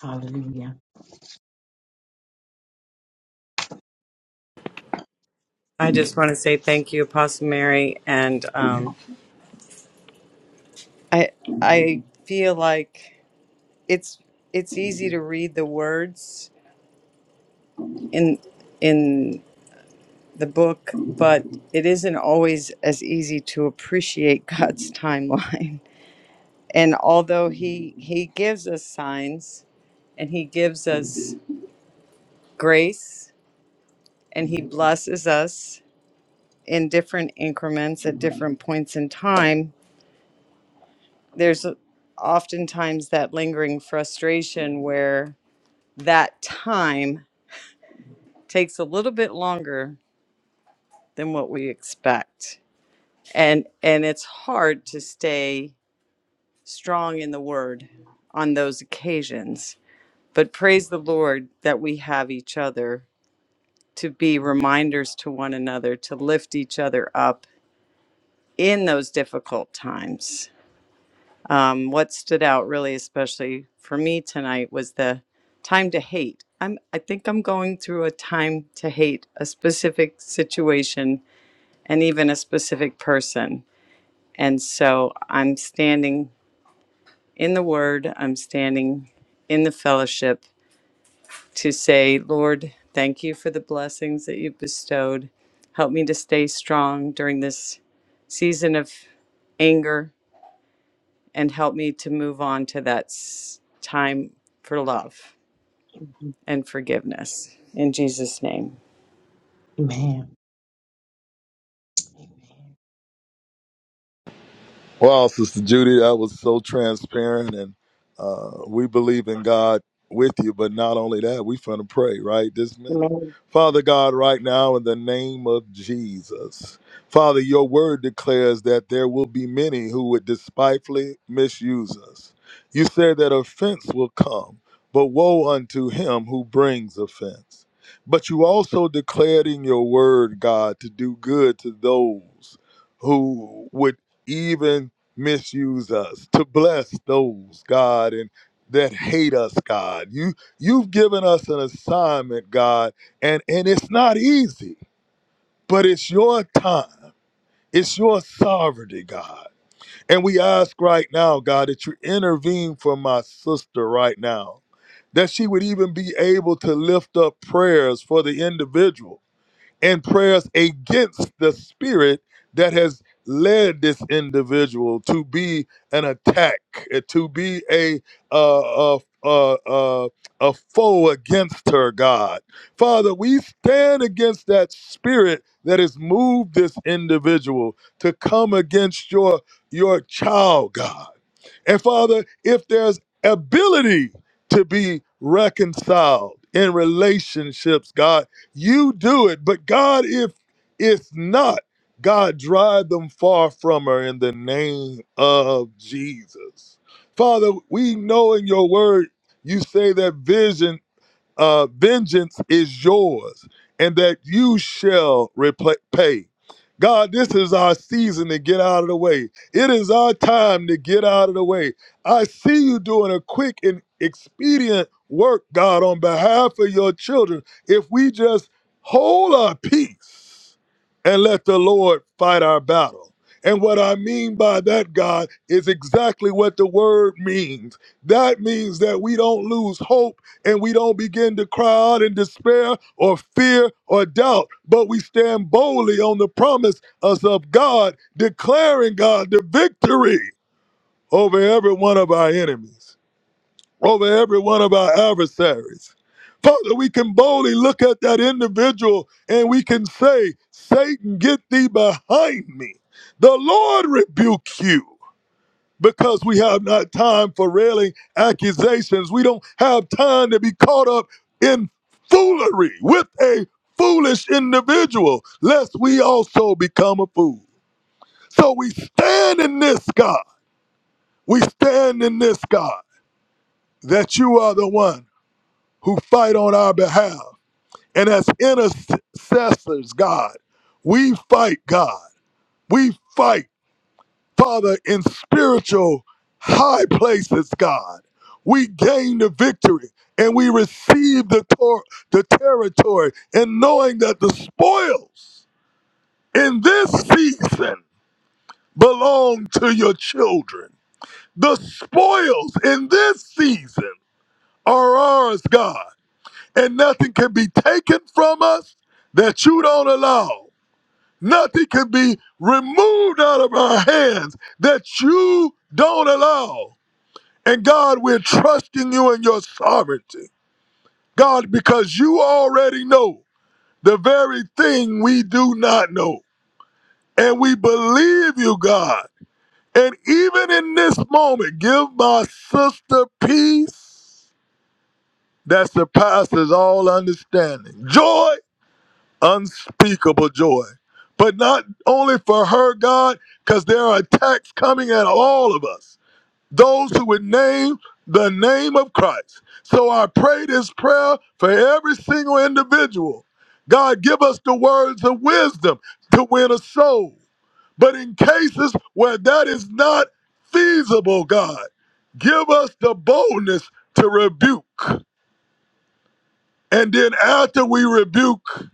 E: Hallelujah.
D: I just want to say thank you, Apostle Mary, and um, I I feel like it's it's easy to read the words in in the book, but it isn't always as easy to appreciate God's timeline. And although he he gives us signs and he gives us grace and he blesses us in different increments at different points in time, there's oftentimes that lingering frustration where that time takes a little bit longer than what we expect. And and it's hard to stay strong in the word on those occasions. But praise the Lord that we have each other to be reminders to one another, to lift each other up in those difficult times. Um, what stood out really, especially for me tonight, was the time to hate. I'm, I think I'm going through a time to hate a specific situation and even a specific person. And so I'm standing in the word, I'm standing in the fellowship, to say, Lord, thank you for the blessings that you've bestowed. Help me to stay strong during this season of anger and help me to move on to that s- time for love and forgiveness. In Jesus' name.
E: Amen.
A: Wow, Sister Judy, that was so transparent, and uh, we believe in God with you. But not only that, we finna pray right this minute.
E: Amen.
A: Father God, right now in the name of Jesus, Father, your word declares that there will be many who would despitefully misuse us. You said that offense will come, but woe unto him who brings offense. But you also declared in your word, God, to do good to those who would even misuse us to bless those god and that hate us god you you've given us an assignment god and and it's not easy but it's your time it's your sovereignty god and we ask right now god that you intervene for my sister right now that she would even be able to lift up prayers for the individual and prayers against the spirit that has led this individual to be an attack, uh, to be a uh, a, a, a, a foe against her, God. Father, we stand against that spirit that has moved this individual to come against your your child, God. And Father, if there's ability to be reconciled in relationships, God, you do it. But God, if it's not, God, drive them far from her in the name of Jesus. Father, we know in your word, you say that vision uh, vengeance is yours, and that you shall repay. pay. God, this is our season to get out of the way. It is our time to get out of the way. I see you doing a quick and expedient work, God, on behalf of your children. If we just hold our peace and let the Lord fight our battle. And what I mean by that, God, is exactly what the word means. That means that we don't lose hope and we don't begin to cry out in despair or fear or doubt, but we stand boldly on the promise us of God, declaring God the victory over every one of our enemies, over every one of our adversaries. Father, we can boldly look at that individual and we can say, Satan, get thee behind me. The Lord rebuke you because we have not time for railing accusations. We don't have time to be caught up in foolery with a foolish individual, lest we also become a fool. So we stand in this God. We stand in this God that you are the one who fight on our behalf. And as intercessors, God, we fight, God. We fight. Father, in spiritual high places, God, we gain the victory and we receive the, tor- the territory, and knowing that the spoils in this season belong to your children. The spoils in this season are ours, God, and nothing can be taken from us that you don't allow. Nothing can be removed out of our hands that you don't allow. And God, we're trusting you in your sovereignty. God, because you already know the very thing we do not know. And we believe you, God. And even in this moment, give my sister peace that surpasses all understanding. Joy, unspeakable joy. But not only for her, God, because there are attacks coming at all of us. those who would name the name of Christ. So I pray this prayer for every single individual. God, give us the words of wisdom to win a soul. But in cases where that is not feasible, God, give us the boldness to rebuke. And then after we rebuke,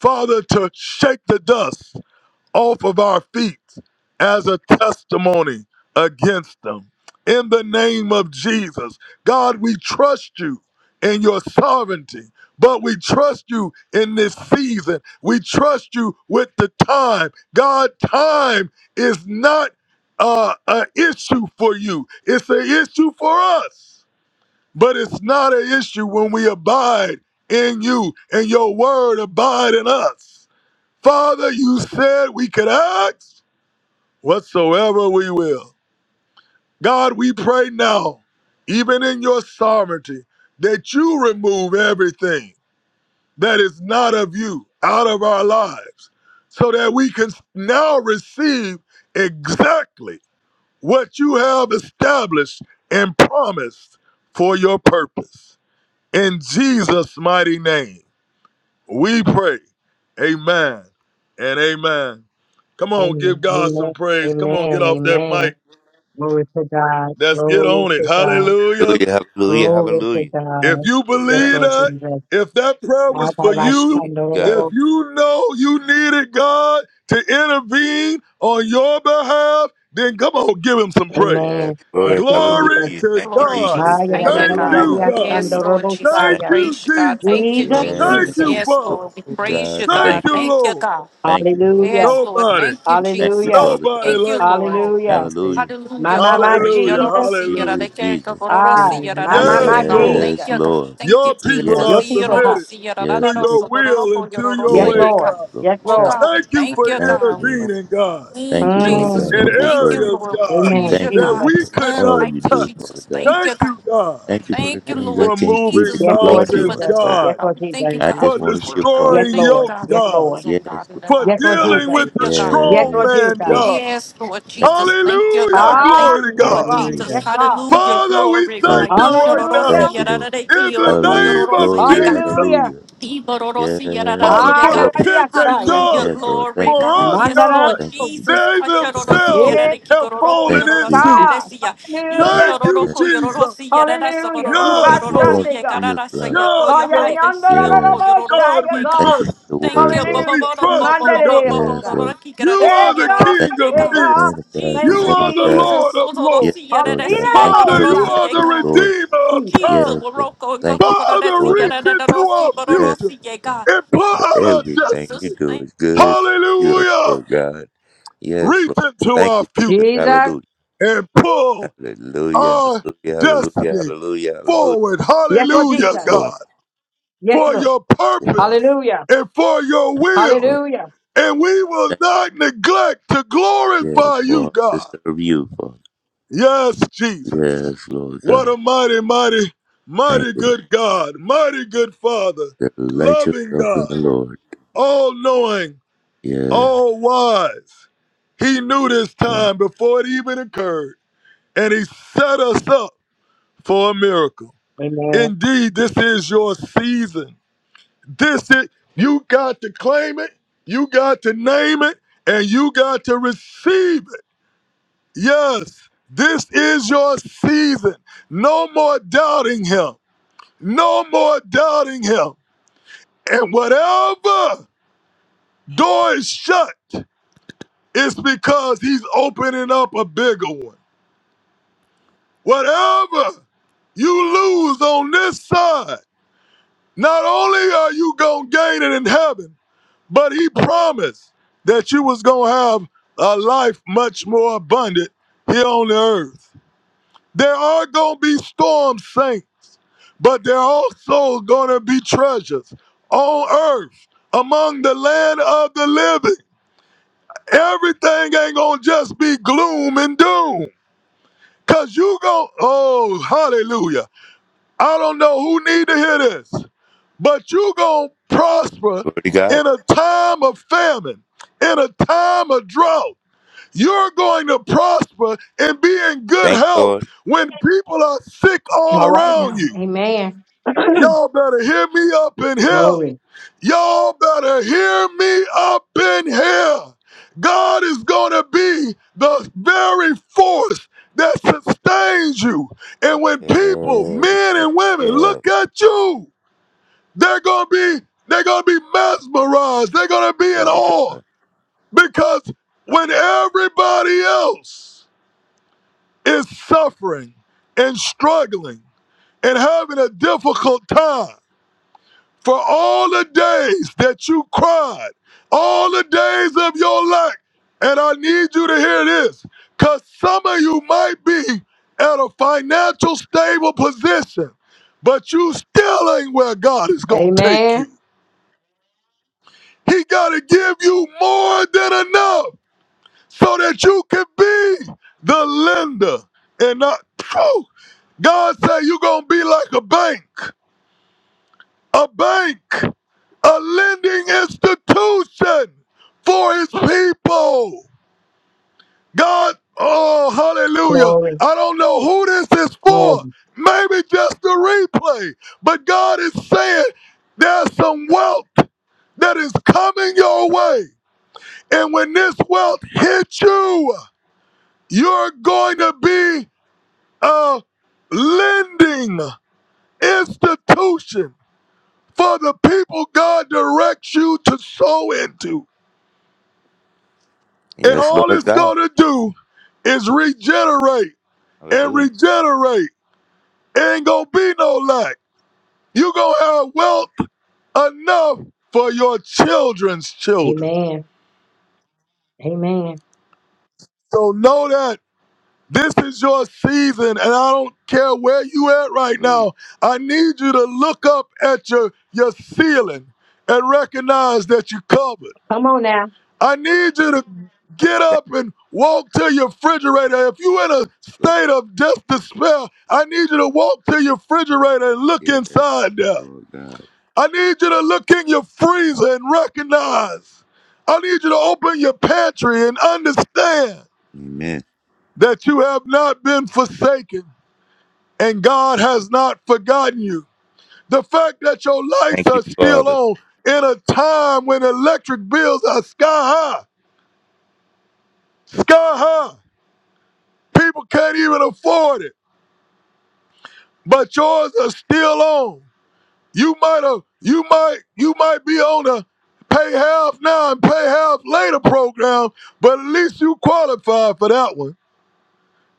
A: Father, to shake the dust off of our feet as a testimony against them. In the name of Jesus, God, we trust you in your sovereignty, but we trust you in this season. We trust you with the time. God, time is not uh, an issue for you, it's an issue for us, but it's not an issue when we abide in you and your word abide in us. Father, you said we could ask whatsoever we will. God, we pray now, even in your sovereignty, that you remove everything that is not of you out of our lives so that we can now receive exactly what you have established and promised for your purpose. In Jesus' mighty name. We pray. Amen and amen. Come on, give
E: Amen.
A: God some
E: Amen.
A: praise. Come on, get
E: Amen.
A: off that
E: Amen.
A: mic.
E: Glory to God.
A: Let's get
E: Glory
A: on it.
E: to God.
A: Hallelujah.
F: Hallelujah, hallelujah,
E: Glory to
F: hallelujah.
A: If
E: God.
A: you
F: Glory to
E: Yes,
F: God.
A: believe
E: Lord
A: that,
E: Jesus.
A: if that prayer
F: Yeah,
E: Ah,
A: was for
E: God, I
A: you,
F: Praise
E: stand on the
A: if
F: God.
E: Lord.
A: you know you needed God to intervene on your behalf, then come on, give him some praise.
F: Yes,
E: Amen.
F: glory,
E: Thank you,
A: Glory
E: Jesus.
F: hallelujah.
A: to
F: Thank you,
G: Glory,
A: God.
F: Jesus.
E: Ah,
G: Jesus.
E: yeah, da,
D: Praise
G: Thank
E: da,
G: you,
D: you,
E: da,
A: Thank
E: da, da,
F: Hallelujah,
G: God.
A: you,
D: Jesus.
E: yeah,
A: God.
E: stand
G: Yes,
F: hallelujah.
E: on the
G: Lord
E: Lord,
G: Jesus.
A: Thank
F: Thank
G: We
E: Messiah.
F: you.
A: you,
G: praise you, God. Thank
A: Jesus.
G: you,
E: Jesus,
D: Hallelujah.
A: Thank
G: Jesus.
E: Jesus.
A: you,
F: Yes,
G: Yes,
F: Lord
A: Father.
G: Lord. We
D: Hallelujah.
G: praise
F: God.
G: you,
D: Thank you.
A: Thank
G: God.
F: Thank
D: Jesus.
F: you.
A: you,
G: Thank you,
A: Lord.
G: God.
F: Thank you, Father.
E: Hallelujah.
G: Yes, Lord.
D: Thank
A: Nobody,
D: you,
G: Thank you,
D: Jesus,
F: Thank you,
E: Hallelujah.
G: Jesus.
F: Father
A: nobody
F: God.
G: Thank you,
A: like the
D: my
G: Lord.
A: Lord.
D: Lord
E: Hallelujah.
D: and
F: Hallelujah.
D: Savior.
E: My,
G: Hallelujah,
E: my, my
D: I-
G: glory.
A: Hallelujah,
E: Jesus.
F: Jesus,
G: Yororosi,
F: Jesus,
A: hallelujah.
G: yororeke,
F: Jesus.
D: Give
G: gororosi,
E: Ah,
D: me the
E: my, my,
G: yororasa,
D: grace
G: ye
E: my
A: Yes,
D: Lord,
G: God.
E: Jesus.
A: Lord.
G: Thank
F: Yes,
G: you, God.
F: Lord.
G: Thank you,
A: Your
D: that you would
F: Yes,
A: people
D: have
G: Jesus.
A: are
E: Your
D: me to
E: people,
D: have.
E: God.
A: submitted
G: Yororosi,
F: yes,
A: to
F: Lord.
D: Make
G: yororararoso,
A: your
D: me
A: will
G: gororoko,
A: and to your
G: yororosa,
E: Yes,
F: Yes,
A: way,
G: ye God.
E: Lord.
A: God.
F: Lord.
E: Yes,
D: to
G: Oh,
E: Lord.
D: trust
G: God, we
A: Thank you
D: my
G: thank
A: for
G: you,
F: Thank you,
G: God.
F: Lord.
D: Lord.
A: intervening, God,
G: Mm,
F: Thank you,
D: Give me
F: Lord
D: the
G: Jesus,
F: God,
G: we
A: in
F: for
E: Mm.
F: your
G: thank you,
F: word.
A: areas,
G: Lord. We
A: God,
E: Amen,
G: praise
D: glory.
G: you,
F: Thank you,
E: Jesus.
A: that
F: Lord,
G: God.
A: we
F: for
G: There's
A: could
G: none
F: all
A: not
F: you
G: like you,
A: touch.
F: do, Father
G: Jesus.
F: God.
G: Thank
A: Thank
G: you, God.
A: you, God,
F: Thank you for the
G: Thank you,
D: Amen.
F: things I
G: Lord
A: for
F: can't see
A: moving
F: that
G: Jesus. We
E: Yes,
F: you
E: Lord
F: are
G: thank you for
F: doing,
A: mountains,
G: the
E: Jesus.
G: time,
F: Father.
E: Yes,
A: God,
G: God.
E: Lord
G: We thank
E: Jesus.
G: you,
D: Praise
F: I
D: you,
G: God,
F: just
A: for
D: Jesus.
G: for the
F: want to be a
G: word, God. We
F: part
E: Yes,
F: of
A: destroying
F: it,
G: thank you,
F: Lord.
E: Lord.
A: yokes,
G: God, for
E: Yes,
G: the
A: God,
E: Lord.
G: wisdom,
F: Yes,
G: God, and the
F: Lord.
A: for
E: Yes,
G: knowledge,
E: Lord
G: God.
A: dealing
D: Praise
E: Jesus.
A: with
G: Thank
D: you,
A: the
G: you,
D: Lord.
G: God.
E: Yes,
A: strong
E: Lord
F: Yes,
A: man,
E: Jesus.
F: Lord.
A: God.
G: Yes, Lord
F: Thank you,
G: Jesus.
F: Jesus.
G: Thank you,
A: Hallelujah,
G: God. Thank
E: Ah,
A: glory
G: you,
A: to
E: yes,
F: Thank
G: Lord
A: God.
F: you,
E: God.
F: Jesus.
G: Jesus.
E: Yes,
D: Hallelujah.
E: God.
G: Hallelujah.
A: Father, we
G: Glory,
F: Yes,
A: thank
G: God. Yee,
A: you right
G: shodorosi,
E: Hallelujah.
F: thank
A: now
F: you, Lord.
A: in
G: yadadadaki,
A: the
G: yoroko,
F: Hallelujah.
A: name of
G: yororoso, yeah,
F: Glory,
G: God.
A: Jesus.
E: Hallelujah.
F: hallelujah. Yes,
G: Ibarorosi yararasi,
A: Father, for the
G: God.
F: Lord.
A: pit they
E: Hallelujah,
G: Hallelujah,
A: dug
F: Yes,
E: Jesus.
F: Lord.
G: glory,
F: Thank you,
G: God.
F: Jesus.
A: for us,
G: Yes,
E: Mandara.
G: Lord
A: God,
F: Thank you, Jesus.
G: Jesus.
A: they
F: Thank you,
G: Hasharorosi
A: themselves
F: Jesus.
E: Yes,
A: have
G: yararikigororoko
F: Thank
A: fallen
F: you, Jesus.
A: into.
E: God.
G: yororosareresia.
F: Yes.
A: Thank
E: Hallelujah.
A: you,
F: yes.
G: Ishororoko
A: Jesus.
G: yororosi yararasa
E: Hallelujah.
G: bororoko
F: Thank
A: Yes,
F: you,
A: Lord.
G: yororosi
F: Father,
E: Sunday, God.
F: for your
G: yekararasa
F: son.
G: yekoyo
A: Yes,
E: Call you
A: God.
E: the under
G: haidesi yoroko
F: Yes.
G: yororosi
A: God,
E: the
A: we
G: yeka.
E: God.
F: Thank you
A: trust
F: for the
G: Thank
F: word,
G: you. bo-
F: Father.
A: you.
G: bo-
A: We
E: Hallelujah.
G: bo- bo-
A: trust
G: bo-
A: you,
G: bo- bo- bo-
A: God.
G: bo- bo-
F: Yes,
G: bo-
E: Mandara.
F: Lord.
G: bo-
A: You
E: Hey
A: are
G: kigararasi
A: the
F: Thank
G: yarorosi
E: God,
A: King of
F: you for
E: hey
G: yeka.
F: the
A: kings.
E: God,
F: man of God,
A: You
F: the
E: thank you,
G: Jesus,
F: woman
A: are
F: of
A: the
E: Jesus.
F: God.
A: Lord
G: Jesus,
A: of
F: Yes,
A: lords.
G: Odorosi
F: Lord
G: yararasi
F: God. Thank you
E: Hallelujah,
A: Father,
F: for the
A: you
G: yekarorosi
A: are
E: Messiah.
A: the
F: message,
G: yeka.
F: Lord.
A: Redeemer of
E: Jesus,
G: Jesus,
A: time.
F: Yes, Lord.
G: Waroko, go, go,
F: Thank
G: go,
F: you,
G: go, that's
A: Father,
G: the,
F: Lord.
G: yeah,
A: reach
F: Oh,
G: da, da, da,
A: into
G: no, see,
A: our
G: but, oh, no,
F: Yes,
A: future
G: see, yeah,
F: God.
G: God.
A: and pour
F: For
A: out our
F: everything you
G: Jesus,
A: destiny.
F: do
G: thank
F: is good. You, are,
A: Hallelujah.
F: Lord God. Yes,
A: Reach
F: Lord.
A: into
F: Thank
A: our
F: you,
A: future
F: Jesus.
E: Jesus,
F: Hallelujah.
A: and pull
F: Hallelujah.
A: our
F: Hallelujah. Hallelujah.
A: destiny
F: Hallelujah. Hallelujah.
A: forward.
E: yes, Lord
F: Yes,
A: Hallelujah,
E: Jesus,
F: Lord.
A: God,
E: yes,
A: for
E: Lord.
A: your
F: Yes, Lord.
A: purpose
E: Hallelujah,
A: and for your
F: Thank you,
A: will.
F: Lord.
E: Hallelujah.
A: And we will
F: Thank
A: not neglect to
F: you, yes,
A: glorify you,
F: Lord. To
A: God.
F: serve you, Father.
A: Yes, Jesus.
F: Yes, Lord
A: What
F: God.
A: a mighty, mighty,
F: Thank
A: mighty
F: you.
A: good God, mighty good Father,
F: Lord. Delight
A: loving
F: yourself in
A: God.
F: the Lord.
A: all knowing,
F: Yeah.
A: all wise. He knew this
F: Yes.
A: time before it even occurred, and He set us up for a miracle.
E: Amen.
A: Indeed, this is your season. This is, you got to claim it, you got to name it, and you got to receive it. Yes, this is your season. No more doubting Him. No more doubting Him. And whatever door is shut, It's because he's opening up a bigger one. Whatever you lose on this side, not only are you going to gain it in heaven, but he promised that you was going to have a life much more abundant here on the earth. There are going to be storm saints, but there are also going to be treasures on earth among the land of the living. Everything ain't going to just be gloom and doom. Cause you gon' oh hallelujah. I don't know who need to hear this, but you gon' prosper
F: Glory to God.
A: in a time of famine, in a time of drought. You're going to prosper and be in good
F: Thank you,
A: health
F: Lord.
A: when people are sick all
E: All right
A: around
E: now,
A: you.
E: Amen.
A: Y'all better hear me up in here.
E: glory,
A: Y'all better hear me up in here. God is going to be the very force that sustains you. And when people,
F: Yes,
A: men
F: yes,
A: and women,
F: yes.
A: look at you, they're going to be they're going to be mesmerized. They're going to be in
F: Glory to
A: awe
F: God.
A: because when everybody else is suffering and struggling and having a difficult time, For all the days that you cried, all the days of your life, and I need you to hear this, because some of you might be at a financial stable position, but you still ain't where God is going to take you.
E: Amen.
A: He got to give you more than enough so that you can be the lender and not. Phew! God say you going to be like a bank. a bank, a lending institution for his people. God, oh, hallelujah.
E: Glory,
A: I don't know who this is for.
E: glory,
A: Maybe just the replay. But God is saying there's some wealth that is coming your way. And when this wealth hits you, you're going to be a lending institution for the people God directs you to sow into. And
F: Yes,
A: all
F: Lord
A: it's
F: God.
A: gonna do is regenerate and
F: Hallelujah.
A: regenerate. Ain't gonna be no lack. You gonna have wealth enough for your children's children.
E: Amen, Amen.
A: So know that this is your season, and I don't care where you at right
F: Hallelujah.
A: now. I need you to look up at your your ceiling and recognize that you are covered.
E: Come on now,
A: I need you to get
F: Thank
A: up and walk to your refrigerator. If you're in a
F: you, Lord.
A: state of just despair, I need you to walk to your refrigerator and look
F: Yes,
A: inside there.
F: Lord God.
A: I need you to look in your freezer and recognize. I need you to open your pantry and understand
F: Amen.
A: that you have not been forsaken and God has not forgotten you. The fact that your lights
F: Thank
A: are
F: you,
A: still
F: Father.
A: on in a time when electric bills are sky high, sky high. People can't even afford it, but yours are still on. You might have, you might, you might be on the pay half now and pay half later program, but at least you qualify for that one.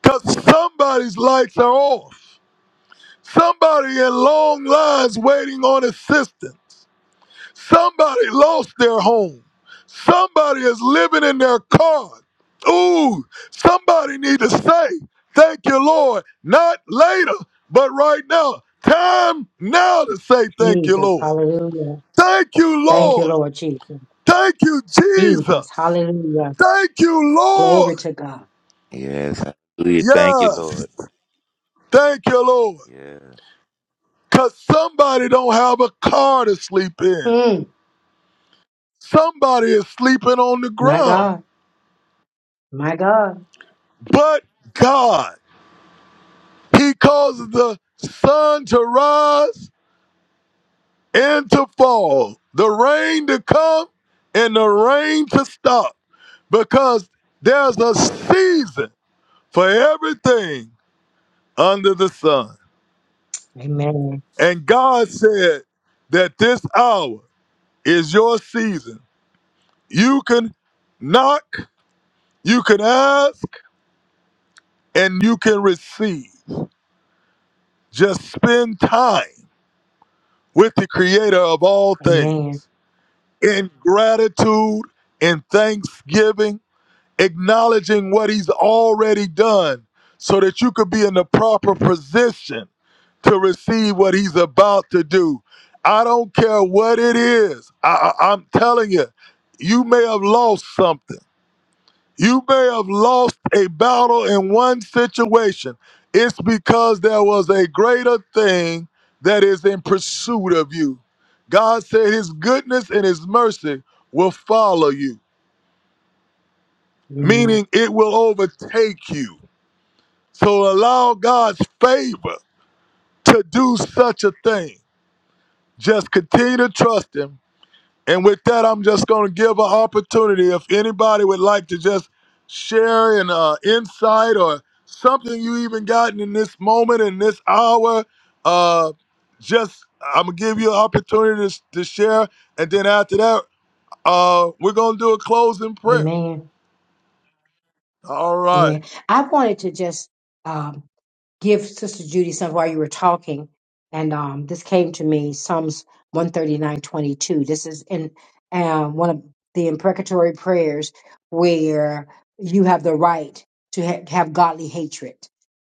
A: Cause somebody's lights are off. Somebody in long lines waiting on assistance. Somebody lost their home. Somebody is living in their car. Ooh, somebody need to say, thank you, Lord. Not later, but right now. Time now to say thank you,
E: Jesus,
A: Lord.
E: Hallelujah.
A: Thank you,
E: Thank you,
A: Lord.
E: Lord Jesus.
A: Thank you,
E: Jesus,
A: Jesus.
E: Hallelujah.
A: Thank you,
E: Glory
A: Lord.
E: to God.
F: Yes. Hallelujah. Thank you,
A: Yes.
F: Lord.
A: Thank you, Lord.
F: Yeah.
A: Cause somebody don't have a car to sleep in.
E: Mm,
A: Somebody is sleeping on the
E: my
A: ground.
E: God, my God.
A: But God. He causes the sun to rise and to fall, the rain to come and the rain to stop, because there's a season for everything under the sun.
E: Amen.
A: And God said that this hour is your season. You can knock, you can ask, and you can receive. Just spend time with the creator of all
E: Amen.
A: things in gratitude, in thanksgiving, acknowledging what he's already done so that you could be in the proper position to receive what he's about to do. I don't care what it is. I, I, am telling you, you may have lost something. You may have lost a battle in one situation. It's because there was a greater thing that is in pursuit of you. God said his goodness and his mercy will follow you,
E: Mm.
A: meaning it will overtake you. So allow God's favor to do such a thing. Just continue to trust him And with that, I'm just going to give an opportunity if anybody would like to just share an uh, insight or something you even gotten in this moment, in this hour. Uh, just, I'm going to give you an opportunity to, to share. And then after that, uh, we're going to do a closing prayer.
E: Amen.
A: All right.
E: Amen. I wanted to just um, give Sister Judy some while you were talking, and um, this came to me Psalms one thirty nine twenty two. This is in uh, one of the imprecatory prayers where you have the right to ha- have godly hatred.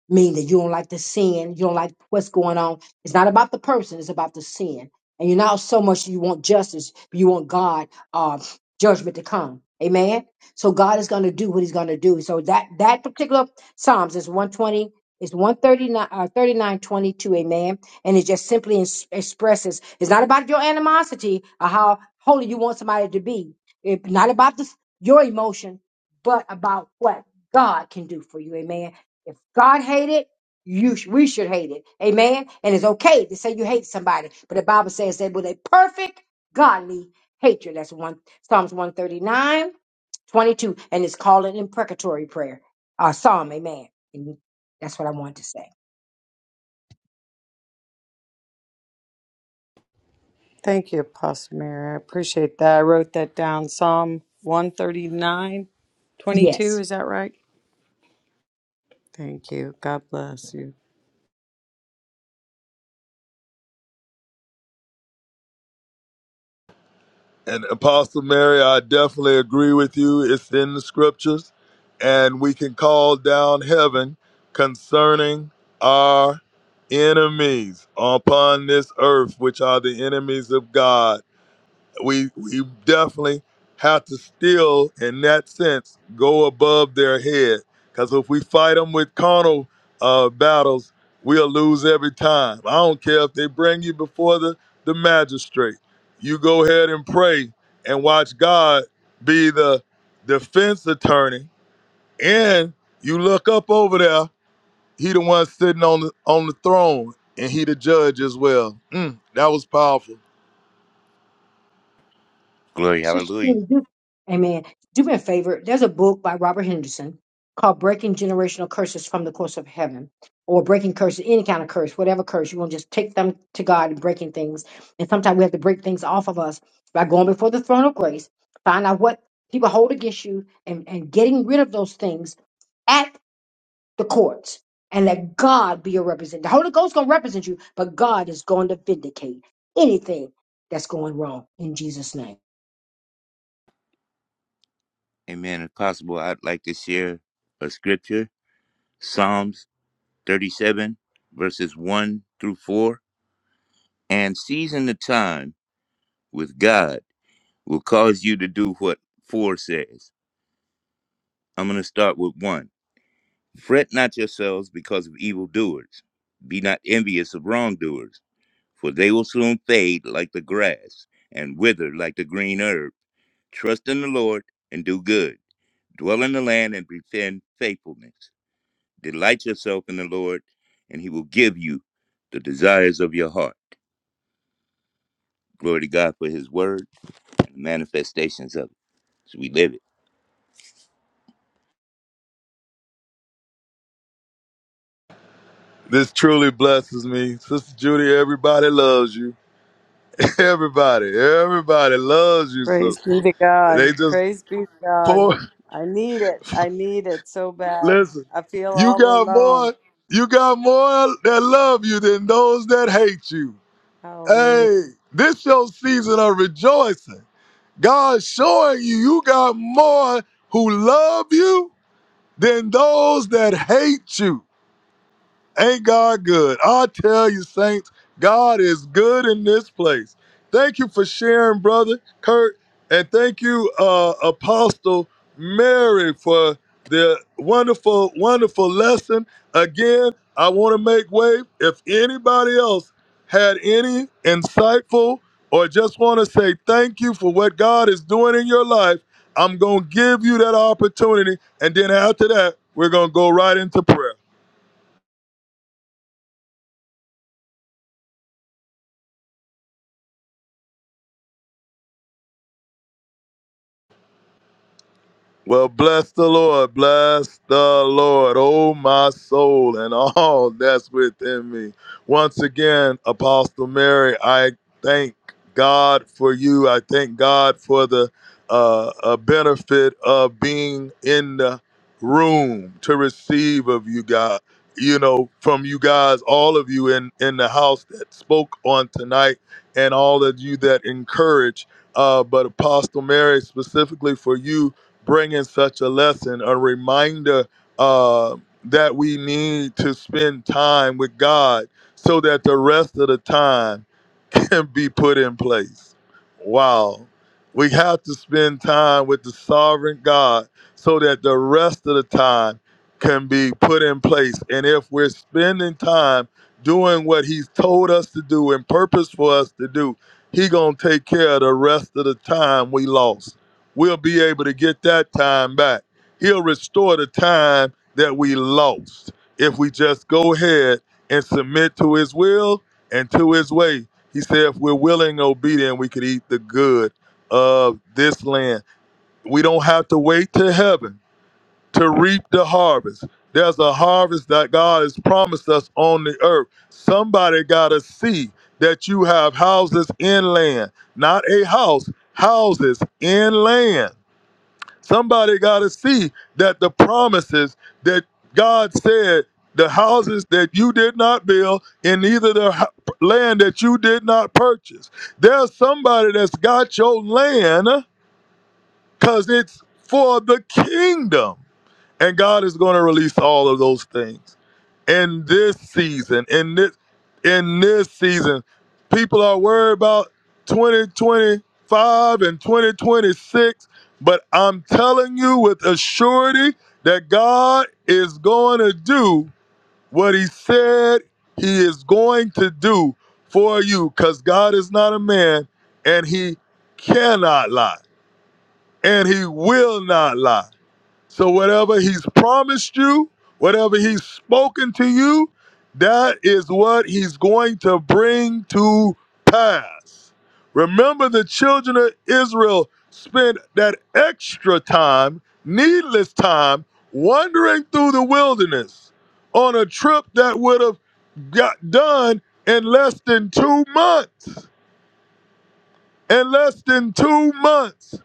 E: mean that you don't like the sin, you don't like what's going on. It's not about the person, it's about the sin. And you're not so much you want justice, you want God uh, judgment to come. Amen. So God is going to do what He's going to do. So that that particular Psalms is 120, is 139, uh, 39, Amen. And it just simply ins- expresses. It's not about your animosity or how holy you want somebody to be. It's not about this, your emotion, but about what God can do for you. Amen. If God hated, it, you sh- we should hate it. Amen. And it's okay to say you hate somebody, but the Bible says that with a perfect godly hatred. That's one Psalms one thirty nine twenty two, and it's called an imprecatory prayer. Uh, Psalm, amen. And that's what I wanted to say.
D: Thank you, Apostle Mary. I appreciate that. I wrote that down. Psalm one thirty nine, twenty two.
E: Yes.
D: Is that right? Thank you. God bless you.
A: And Apostle Mary, I definitely agree with you. It's in the scriptures, and we can call down heaven concerning our enemies upon this earth, which are the enemies of God we we definitely have to still, in that sense, go above their head. Because if we fight them with carnal uh, battles, we'll lose every time. I don't care if they bring you before the, the magistrate. You go ahead and pray and watch God be the defense attorney. And you look up over there, he the one sitting on the on the throne, and he the judge as well. Mm, that was powerful.
F: Glory.
E: Sister,
F: Hallelujah.
E: Tina, do, amen. Do me a favor. There's a book by Robert Henderson called Breaking Generational Curses from the Course of Heaven or Breaking Curses, any kind of curse, whatever curse. You want to just take them to God and breaking things. And sometimes we have to break things off of us by going before the throne of grace, find out what people hold against you and, and getting rid of those things at the courts and let God be your representative. The Holy Ghost going to represent you, but God is going to vindicate anything that's going wrong in Jesus' name.
F: Amen. If possible, I'd like to share a scripture Psalms 37, verses 1 through 4. And season the time with God will cause you to do what 4 says. I'm going to start with 1. Fret not yourselves because of evildoers. Be not envious of wrongdoers, for they will soon fade like the grass and wither like the green herb. Trust in the Lord and do good. Dwell in the land and defend faithfulness. Delight yourself in the Lord, and he will give you the desires of your heart. Glory to God for his word and the manifestations of it. So we live it.
A: This truly blesses me. Sister Judy, everybody loves you. Everybody, everybody loves you,
D: Praise
A: sister.
D: be to God.
A: They just
D: Praise be to God.
A: pour.
D: I need it. I need it so bad.
A: Listen,
D: I feel
A: you
D: all
A: got
D: alone.
A: more, you got more that love you than those that hate you.
D: Hallelujah.
A: Hey, this your season of rejoicing. God showing you you got more who love you than those that hate you. Ain't God good? I tell you, saints, God is good in this place. Thank you for sharing, brother Kurt, and thank you, uh, Apostle Mary, for the wonderful, wonderful lesson. Again, I want to make way. If anybody else had any insightful or just want to say thank you for what God is doing in your life, I'm going to give you that opportunity. And then after that, we're going to go right into prayer. Well, bless the Lord, bless the Lord, oh my soul, and all that's within me. Once again, Apostle Mary, I thank God for you. I thank God for the uh, uh, benefit of being in the room to receive of you, God. You know, from you guys, all of you in in the house that spoke on tonight, and all of you that encourage. Uh, but Apostle Mary, specifically for you bringing such a lesson, a reminder uh, that we need to spend time with God so that the rest of the time can be put in place. Wow. We have to spend time with the sovereign God so that the rest of the time can be put in place. And if we're spending time doing what he's told us to do and purpose for us to do, he going to take care of the rest of the time we lost. We'll be able to get that time back. He'll restore the time that we lost if we just go ahead and submit to his will and to his ways he said, if we're willing and obedient, we could eat the good of this land. We don't have to wait to heaven to reap the harvest. There's a harvest that God has promised us on the earth. Somebody got to see that you have houses in land, not a house, houses in land. Somebody got to see that the promises that God said, the houses that you did not build, and neither the hu- land that you did not purchase. There's somebody that's got your land because it's for the kingdom. And God is going to release all of those things in this season, in this in this season, people are worried about 2025 and 2026, but I'm telling you with a surety that God is going to do what he said he is going to do for you cuz God is not a man and he cannot lie and he will not lie. So whatever he's promised you, whatever he's spoken to you, that is what he's going to bring to pass. Remember the children of Israel spent that extra time, needless time, wandering through the wilderness on a trip that would have got done in less than 2 months. In less than 2 months.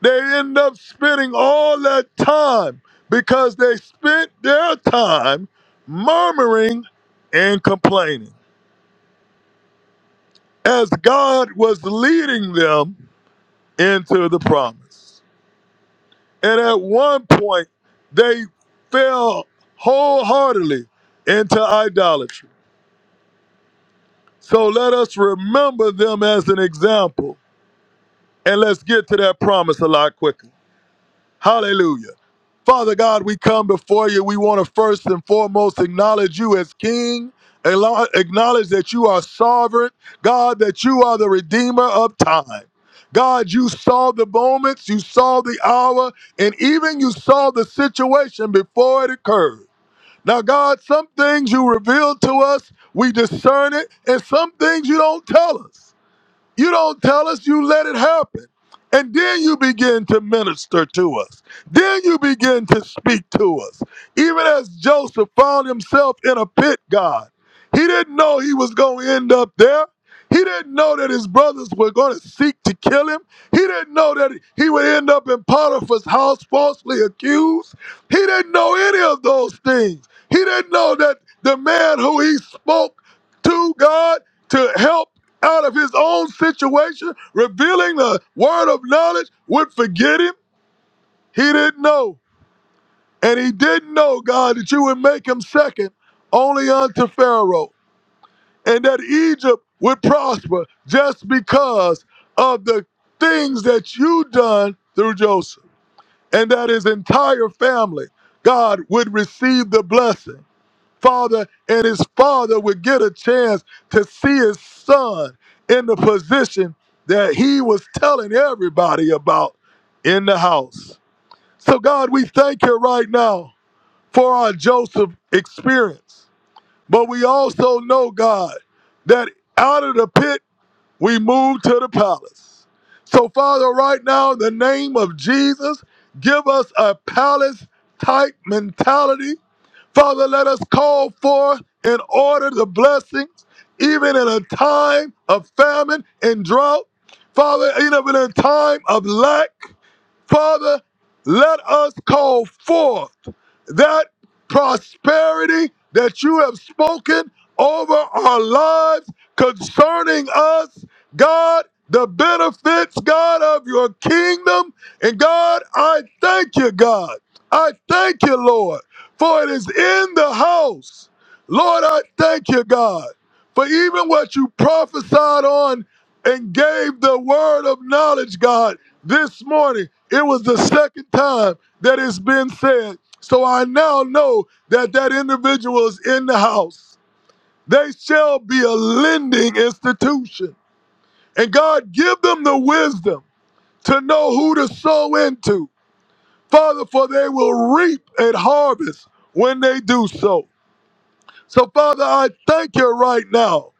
A: They end up spending all that time because they spent their time murmuring and complaining as God was leading them into the promise. And at one point, they fell wholeheartedly into idolatry. So let us remember them as an example and let's get to that promise a lot quicker. Hallelujah. Father God, we come before you. We want to first and foremost acknowledge you as King, alo- acknowledge that you are sovereign, God, that you are the Redeemer of time. God, you saw the moments, you saw the hour, and even you saw the situation before it occurred. Now, God, some things you reveal to us, we discern it, and some things you don't tell us. You don't tell us, you let it happen. And then you begin to minister to us. Then you begin to speak to us. Even as Joseph found himself in a pit, God, he didn't know he was going to end up there. He didn't know that his brothers were going to seek to kill him. He didn't know that he would end up in Potiphar's house falsely accused. He didn't know any of those things. He didn't know that the man who he spoke to, God, to help out of his own situation, revealing the word of knowledge, would forget him. He didn't know. And he didn't know, God, that you would make him second only unto Pharaoh, and that Egypt would prosper just because of the things that you done through Joseph, and that his entire family, God, would receive the blessing. father, and his father would get a chance to see his son in the position that he was telling everybody about in the house. So, God, we thank you right now for our Joseph experience. But we also know, God, that out of the pit, we move to the palace. So, Father, right now, in the name of Jesus, give us a palace type mentality Father, let us call forth and order the blessings, even in a time of famine and drought. Father, even in a time of lack. Father, let us call forth that prosperity that you have spoken over our lives concerning us, God, the benefits, God, of your kingdom. And God, I thank you, God. I thank you, Lord, for it is in the house. Lord, I thank you, God, for even what you prophesied on and gave the word of knowledge, God, this morning. It was the second time that it's been said. So I now know that that individual is in the house. They shall be a lending institution. And God, give them the wisdom to know who to sow into. Father, for they will reap and harvest when they do so. So, Father, I thank you right now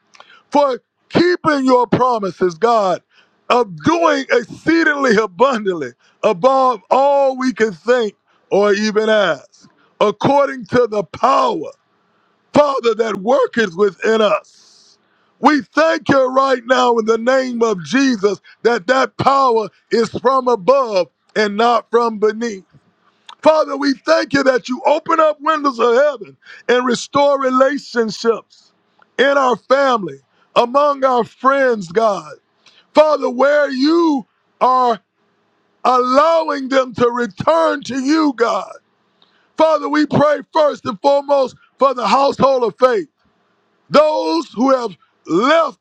A: for keeping your promises, God, of doing exceedingly abundantly above all we can think or even ask, according to the power Father, that worketh within us. We thank you right now in the name of Jesus that that power is from above and not from beneath. Father, we thank you that you open up windows of heaven and restore relationships in our family, among our friends, God. Father, where you are allowing them to return to you, God. Father, we pray first and foremost for the household of faith those who have left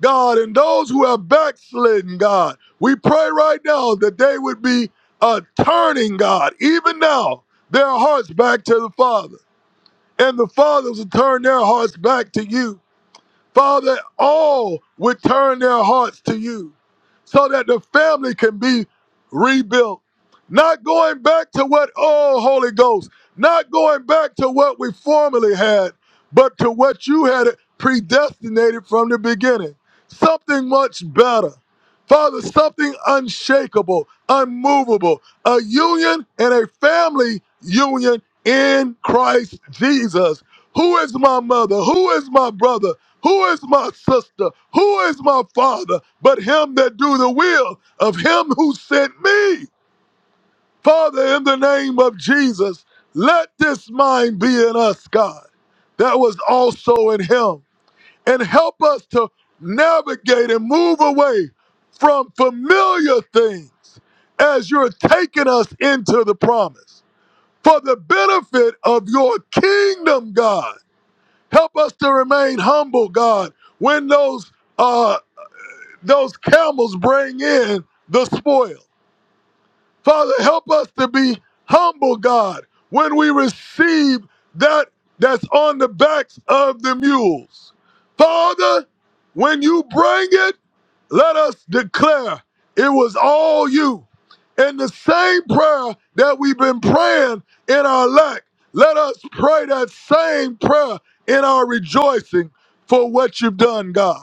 A: God and those who have backslidden God. We pray right now that they would be uh, turning God, even now, their hearts back to the Father. And the fathers will turn their hearts back to you Father, all would turn their hearts to you so that the family can be rebuilt. Not going back to what, oh, Holy Ghost, not going back to what we formerly had, but to what you had predestinated from the beginning. Something much better. Father, something unshakable, unmovable, a union and a family union in Christ Jesus. Who is my mother? Who is my brother? Who is my sister? Who is my father? But him that do the will of him who sent me. Father, in the name of Jesus, let this mind be in us, God, that was also in him. And help us to navigate and move away from familiar things as you're taking us into the promise for the benefit of your kingdom, God. Help us to remain humble, God, when those uh those camels bring in the spoil. Father, help us to be humble, God, when we receive that that's on the backs of the mules. Father, when you bring it, let us declare it was all you. And the same prayer that we've been praying in our lack, let us pray that same prayer in our rejoicing for what you've done, God.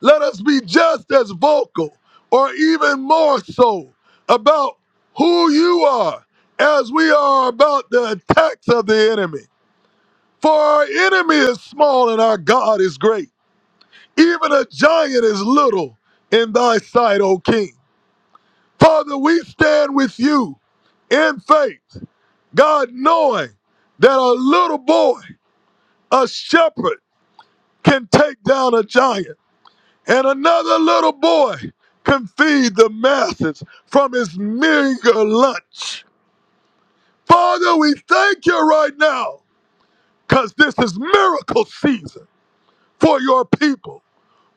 A: Let us be just as vocal or even more so about who you are as we are about the attacks of the enemy. For our enemy is small and our God is great. Even a giant is little in thy sight, O King. Father, we stand with you in faith, God knowing that a little boy, a shepherd, can take down a giant. And another little boy can feed the masses from his meager lunch. Father, we thank you right now because this is miracle season for your people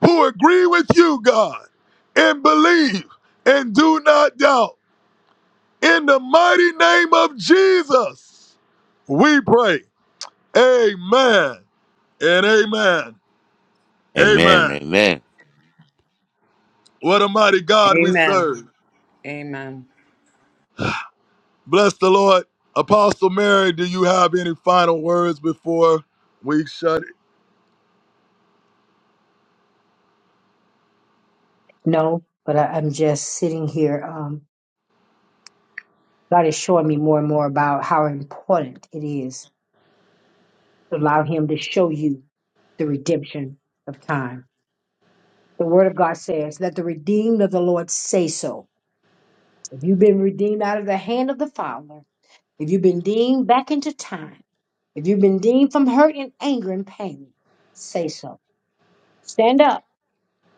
A: who agree with you, God, and believe and do not doubt. In the mighty name of Jesus, we pray. Amen and amen.
F: Amen.
A: Amen.
F: Amen.
A: What a mighty God we
D: Amen.
A: serve.
D: Amen.
A: Bless the Lord. Apostle Mary, do you have any final words before we shut it?
E: No, but I, I'm just sitting here. Um, God is showing me more and more about how important it is to allow Him to show you the redemption of time. The Word of God says, Let the redeemed of the Lord say so. If you've been redeemed out of the hand of the Father, if you've been deemed back into time, if you've been deemed from hurt and anger and pain, say so. Stand up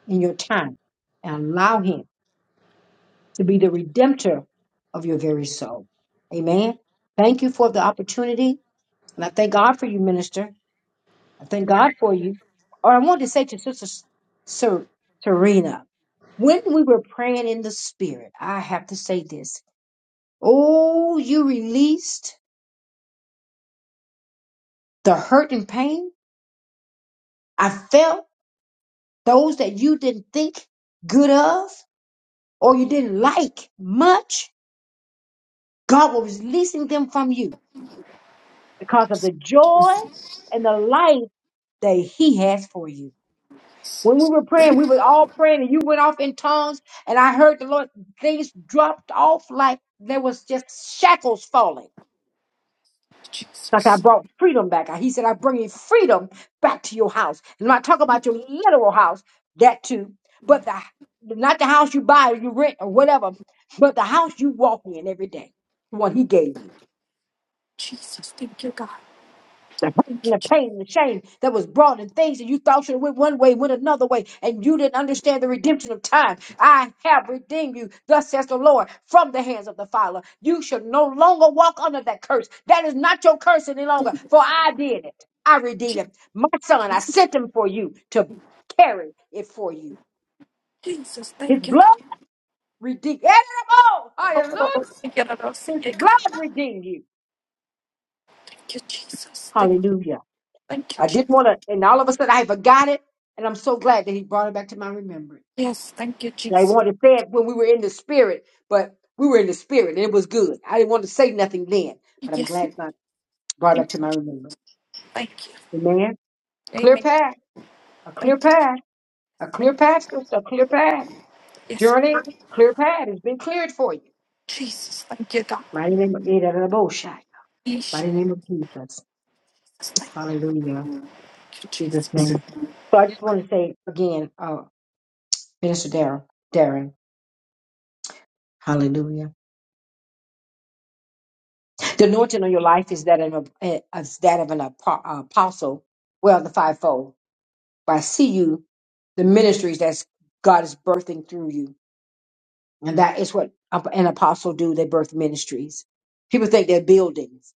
E: in your time and allow Him. to be the redemptor of your very soul. Amen. Thank you for the opportunity. And I thank God for you, minister. I thank God for you. Or I wanted to say to Sister Ser- Serena, when we were praying in the spirit, I have to say this. Oh, you released the hurt and pain. I felt those that you didn't think good of or you didn't like much. God was releasing them from you because of the joy and the light. that He has for you. When we were praying, we were all praying, and you went off in tongues, and I heard the Lord, things dropped off like there was just shackles falling. Like I brought freedom back. He said, I bring you freedom back to your house. And I'm not talking about your literal house, that too, but the not the house you buy or you rent or whatever, but the house you walk in every day, the one he gave you.
G: Jesus, thank you, God.
E: the hurt
G: Thank
E: and
G: you,
E: the pain and the shame that was brought and things that you thought should have went one way went another way and you didn't understand the redemption of time i have redeemed you thus says the lord from the hands of the fowler. you shall no longer walk under that curse that is not your curse any longer for i did it i
G: Je-
E: redeemed it my son i sent him for you to carry it for you
G: Jesus,
E: his
G: thank you,
E: blood
G: God.
E: redeemed
G: Oh, oh,
E: hallelujah
G: oh, oh, see, yeah, da, see,
E: his
G: yeah, God.
E: blood redeemed you
G: Thank you, Jesus. Thank you,
E: hallelujah
G: thank you,
E: I
G: Jesus.
E: didn't want to, and all of a sudden I forgot it, and I'm so glad that he brought it back to my remembrance.
G: Yes, thank you,
E: And I
G: Jesus.
E: wanted to say it when we were in the spirit, but we were in the spirit, and it was good. I didn't want to say nothing then, but I'm
G: Yes,
E: glad God brought it back
G: thank
E: to
G: you,
E: my remembrance.
G: thank you.
E: Amen. Clear
G: Amen.
E: path, a
G: Thank
E: clear
G: you,
E: path, a
G: thank
E: clear
G: you.
E: path, sister, a clear path.
G: Yes,
E: Journey, clear path has been cleared for you.
G: Jesus, thank you, God.
E: Mighty name of Boshai.
G: Yes,
E: Mighty name of Jesus.
G: Jesus, thank
E: Hallelujah.
G: you,
E: In Jesus'
G: Jesus. Come
E: name. So I just want to say again, uh, Minister Darren, Darren, hallelujah. The anointing on your life is that of, an- is that of an apo- apostle, well, the fivefold. But I see you, the ministries that's God is birthing through you, and that is what ap- an apostle do. They birth ministries. People think they're buildings.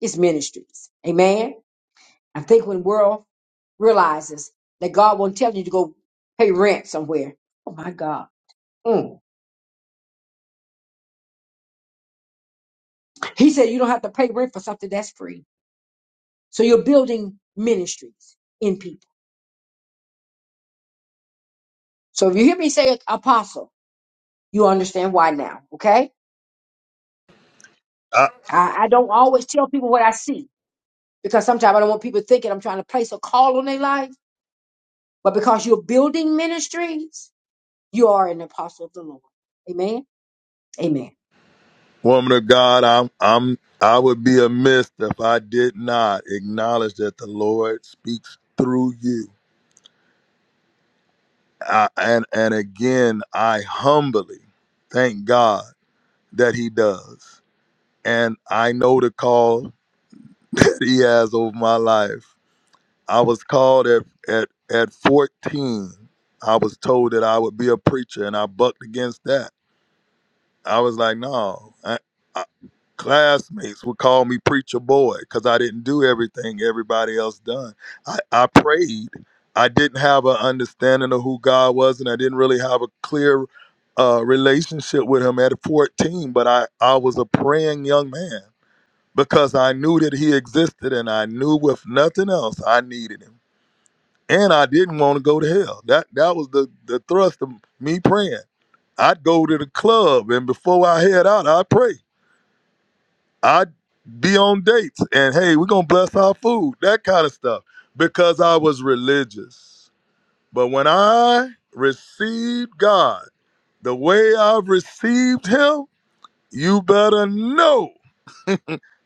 E: It's ministries. Amen. I think when world realizes that God won't tell you to go pay rent somewhere. Oh my God. Mm. He said you don't have to pay rent for something that's free. So you're building ministries in people. So if you hear me say it, apostle, you understand why now, okay?
A: I,
E: I, I don't always tell people what I see because sometimes I don't want people thinking I'm trying to place a call on their life. But because you're building ministries, you are an apostle of the Lord. Amen. Amen.
A: woman of God, I'm I'm I would be amiss if I did not acknowledge that the Lord speaks through you. I, and and again, I humbly thank God that He does. And I know the call that He has over my life. I was called at at at 14. I was told that I would be a preacher, and I bucked against that. I was like, no, I, I, classmates would call me preacher boy because I didn't do everything everybody else done. I, I prayed. I didn't have an understanding of who God was, and I didn't really have a clear uh, relationship with Him at 14. But I, I was a praying young man because I knew that He existed, and I knew with nothing else I needed Him and I didn't want to go to hell. That that was the the thrust of me praying. I'd go to the club, and before I head out, I'd pray. I'd be on dates, and hey, we're gonna bless our food, that kind of stuff, because I was religious. But when I received God the way I've received Him, you better know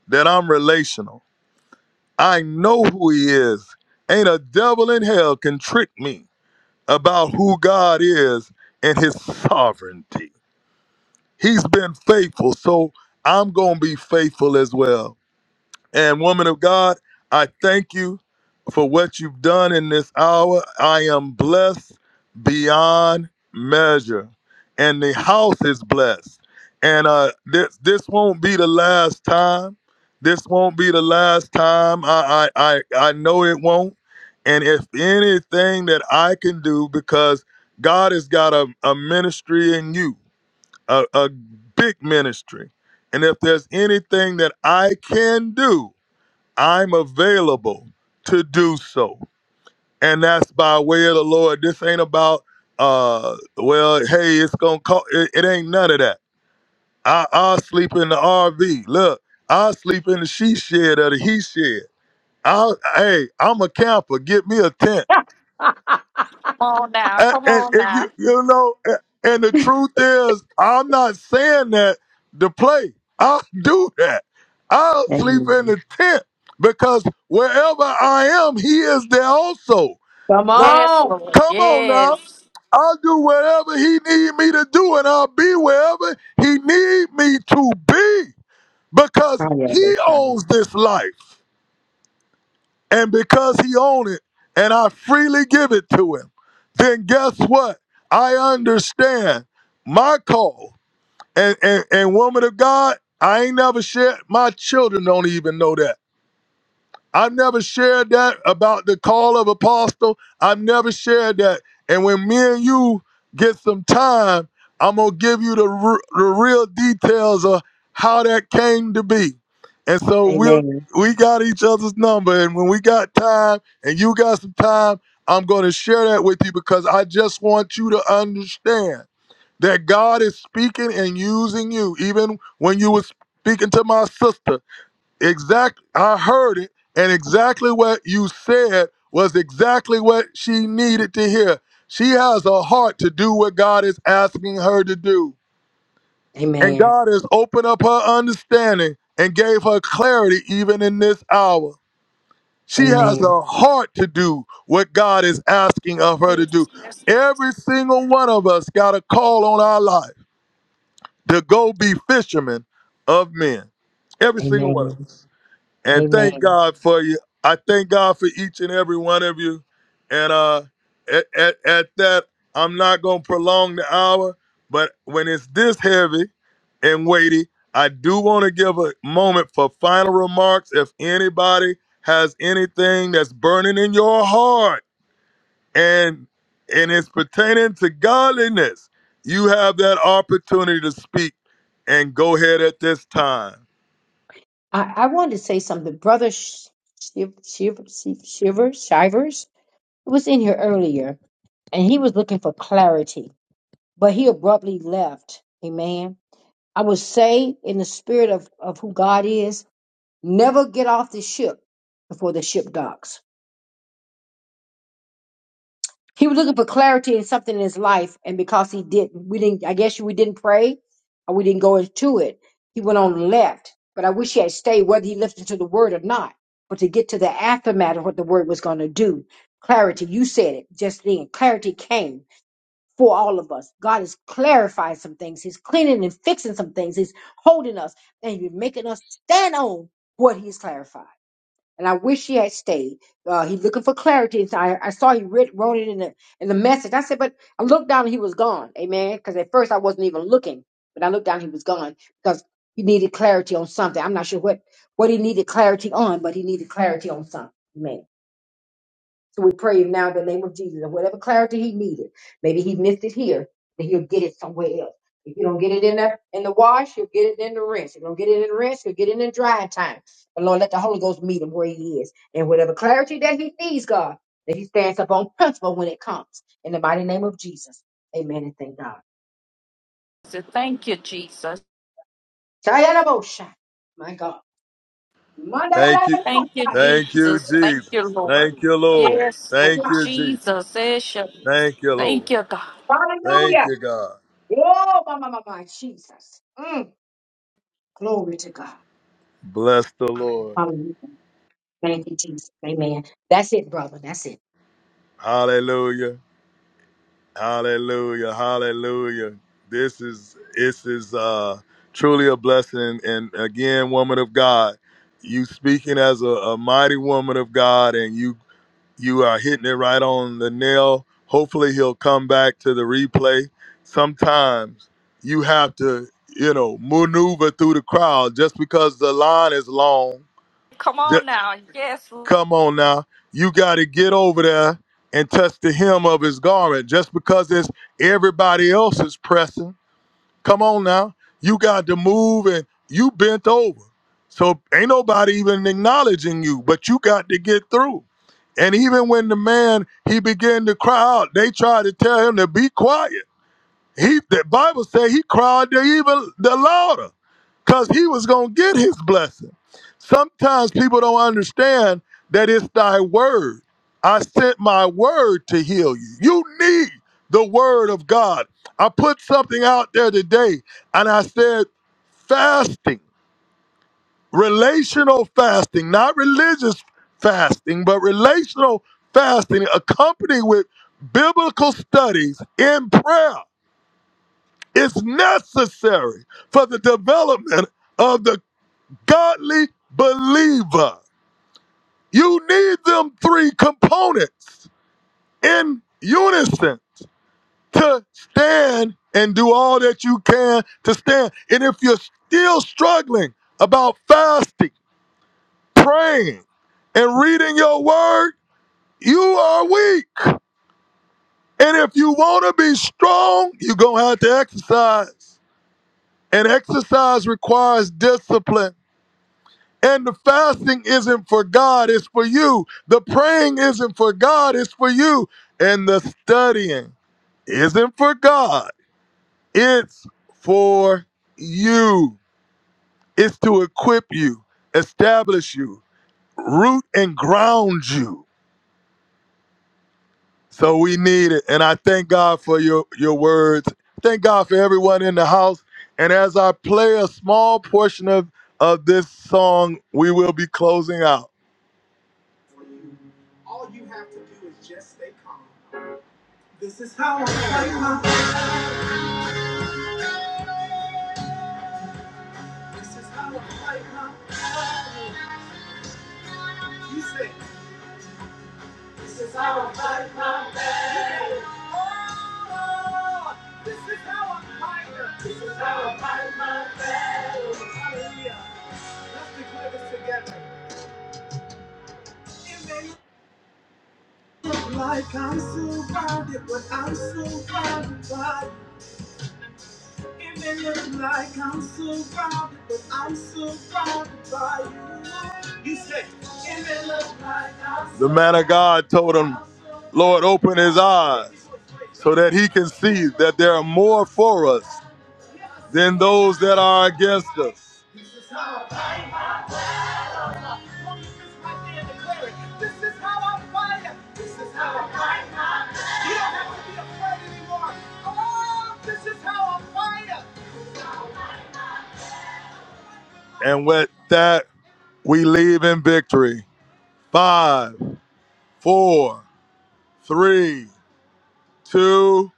A: that I'm relational. I know who He is. Ain't a devil in hell can trick me about who God is and his sovereignty. He's been faithful, so I'm going to be faithful as well. And woman of God, I thank you for what you've done in this hour. I am blessed beyond measure, and the house is blessed. And uh, this this won't be the last time. This won't be the last time. I I I, I know it won't. And if anything that I can do, because God has got a, a ministry in you, a, a big ministry. And if there's anything that I can do, I'm available to do so. And that's by way of the Lord. This ain't about uh well, hey, it's gonna call it, it ain't none of that. I I'll sleep in the RV. Look, I'll sleep in the she shed or the he shed. I'll hey, I'm a camper. Get me a tent.
G: on now,
A: and,
G: come
A: and,
G: on
A: and you,
G: now.
A: you know, and, and the truth is, I'm not saying that to play. I'll do that. I'll sleep in
E: Amen.
A: the tent because wherever I am, he is there also.
E: Come
A: Now,
G: Yes,
E: on.
G: Lord,
A: come on now.
G: yes.
A: I'll do whatever he need me to do, and I'll be wherever he need me to be because he
E: Hallelujah.
A: owns this life and because he owned it and I freely give it to him, then guess what? I understand my call. And and, and woman of God, I ain't never shared my children don't even know that. I've never shared that about the call of apostle. I've never shared that. And when me and you get some time, I'm gonna give you the re- the real details of how that came to be. And so we'll
E: Amen.
A: we got each other's number, and when we got time, and you got some time, I'm gonna share that with you because I just want you to understand that God is speaking and using you, even when you was speaking to my sister. Exactly. I heard it, and exactly what you said was exactly what she needed to hear. She has a heart to do what God is asking her to do. And
E: Amen.
A: God has opened up her understanding and gave her clarity even in this hour. She has
E: Amen.
A: a heart to do what God is asking of her to do.
G: Yes, yes.
A: Every single one of us got a call on our life to go be fishermen of men. Every single one of
E: Amen.
A: us and thank
E: Amen.
A: God for you. I thank God for each and every one of you. And uh, at, at, at that, I'm not gonna prolong the hour, but when it's this heavy and weighty, I do want to give a moment for final remarks. If anybody has anything that's burning in your heart and and it's pertaining to godliness, you have that opportunity to speak and go ahead at this time.
E: I, I wanted to say something, brother Shiv, Shiv, Shiv, Shiver, Shivers. He was in here earlier, and he was looking for clarity, but he abruptly left. Amen. I would say, in the spirit of, of who God is, never get off the ship before the ship docks. He was looking for clarity in something in his life, and because he didn't, we didn't. I guess we didn't pray, or we didn't go into it. He went on and left. But I wish he had stayed, whether he listened to the word or not. But to get to the aftermath of what the word was going to do, clarity. You said it just then. Clarity came for all of us. God is clarifying some things. He's cleaning and fixing some things. He's holding us and he's making us stand on what he's clarified. And I wish he had stayed. Uh, he's looking for clarity. And so I, I saw he writ, wrote it in the in the message. I said, but I looked down and he was gone. Amen. Because at first I wasn't even looking, but I looked down and he was gone because he needed clarity on something. I'm not sure what what he needed clarity on, but he needed clarity on something. Amen. So we pray now in the name of Jesus and whatever clarity he needed, maybe he missed it here, that he'll get it somewhere else. If you don't get it in the in the wash, you'll get it in the rinse. If you don't get it in the rinse, you'll get it in the drying time. But Lord, let the Holy Ghost meet him where he is. And whatever clarity that he needs, God, that he stands up on principle when it comes. In the mighty name of Jesus. Amen and thank God.
G: Jesus. Thank you, Jesus.
E: Shayarabosha. My God.
A: Thank you.
G: Thank you,
E: Mandarabosha.
A: Thank you,
G: Jesus. Thank you,
A: Jesus.
G: Lord.
A: Thank you, Lord.
G: Yes,
A: Thank
G: Lord.
A: you, Jesus.
G: Jesus. Yes, yes.
A: Thank you, Lord.
G: Thank you, God.
A: Thank
E: Hallelujah.
A: you, God.
E: Oh, my, my, my, my, Jesus. Mm. Glory to God.
A: Bless the Lord.
E: Hallelujah. Thank you, Jesus. Amen. That's it, brother. That's it.
A: Hallelujah. Hallelujah. Hallelujah. This is this is uh truly a blessing. And again, woman of God, you speaking as a, a mighty woman of God, and you you are hitting it right on the nail. Hopefully, he'll come back to the replay. Sometimes you have to, you know, maneuver through the crowd just because the line is long.
G: Come
A: Ju-
G: on now. Yes,
A: come on now. You got to get over there and touch the hem of his garment just because it's everybody else is pressing Come on now. You got to move and you bent over. So ain't nobody even acknowledging you, but you got to get through. And even when the man he began to cry out, they tried to tell him to be quiet. He the Bible said he cried the even the louder because he was gonna get his blessing. Sometimes people don't understand that it's thy word. I sent my word to heal you. You need the word of God. I put something out there today and I said fasting, relational fasting, not religious fasting, but relational fasting accompanied with biblical studies in prayer. It's necessary for the development of the godly believer. You need them three components in unison to stand and do all that you can to stand. And if you're still struggling about fasting, praying, and reading your word, you are weak. And if you want to be strong, you're going to have to exercise. And exercise requires discipline. And the fasting isn't for God, it's for you. The praying isn't for God, it's for you. And the studying isn't for God, it's for you. It's to equip you, establish you, root and ground you. So we need it. And I thank God for your, your words. Thank God for everyone in the house. And as I play a small portion of, of this song, we will be closing out. It may look like I'm surrounded, but I'm surrounded by you. You say, it may look like I'm The man of God told him, Lord, open his eyes so that he can see that there are more for us than those that are against us. And with that, we leave in victory. Five, four, three, two,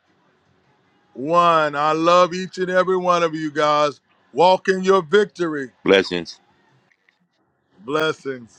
A: one. I love each and every one of you guys. Walk in your victory.
F: Blessings.
A: Blessings.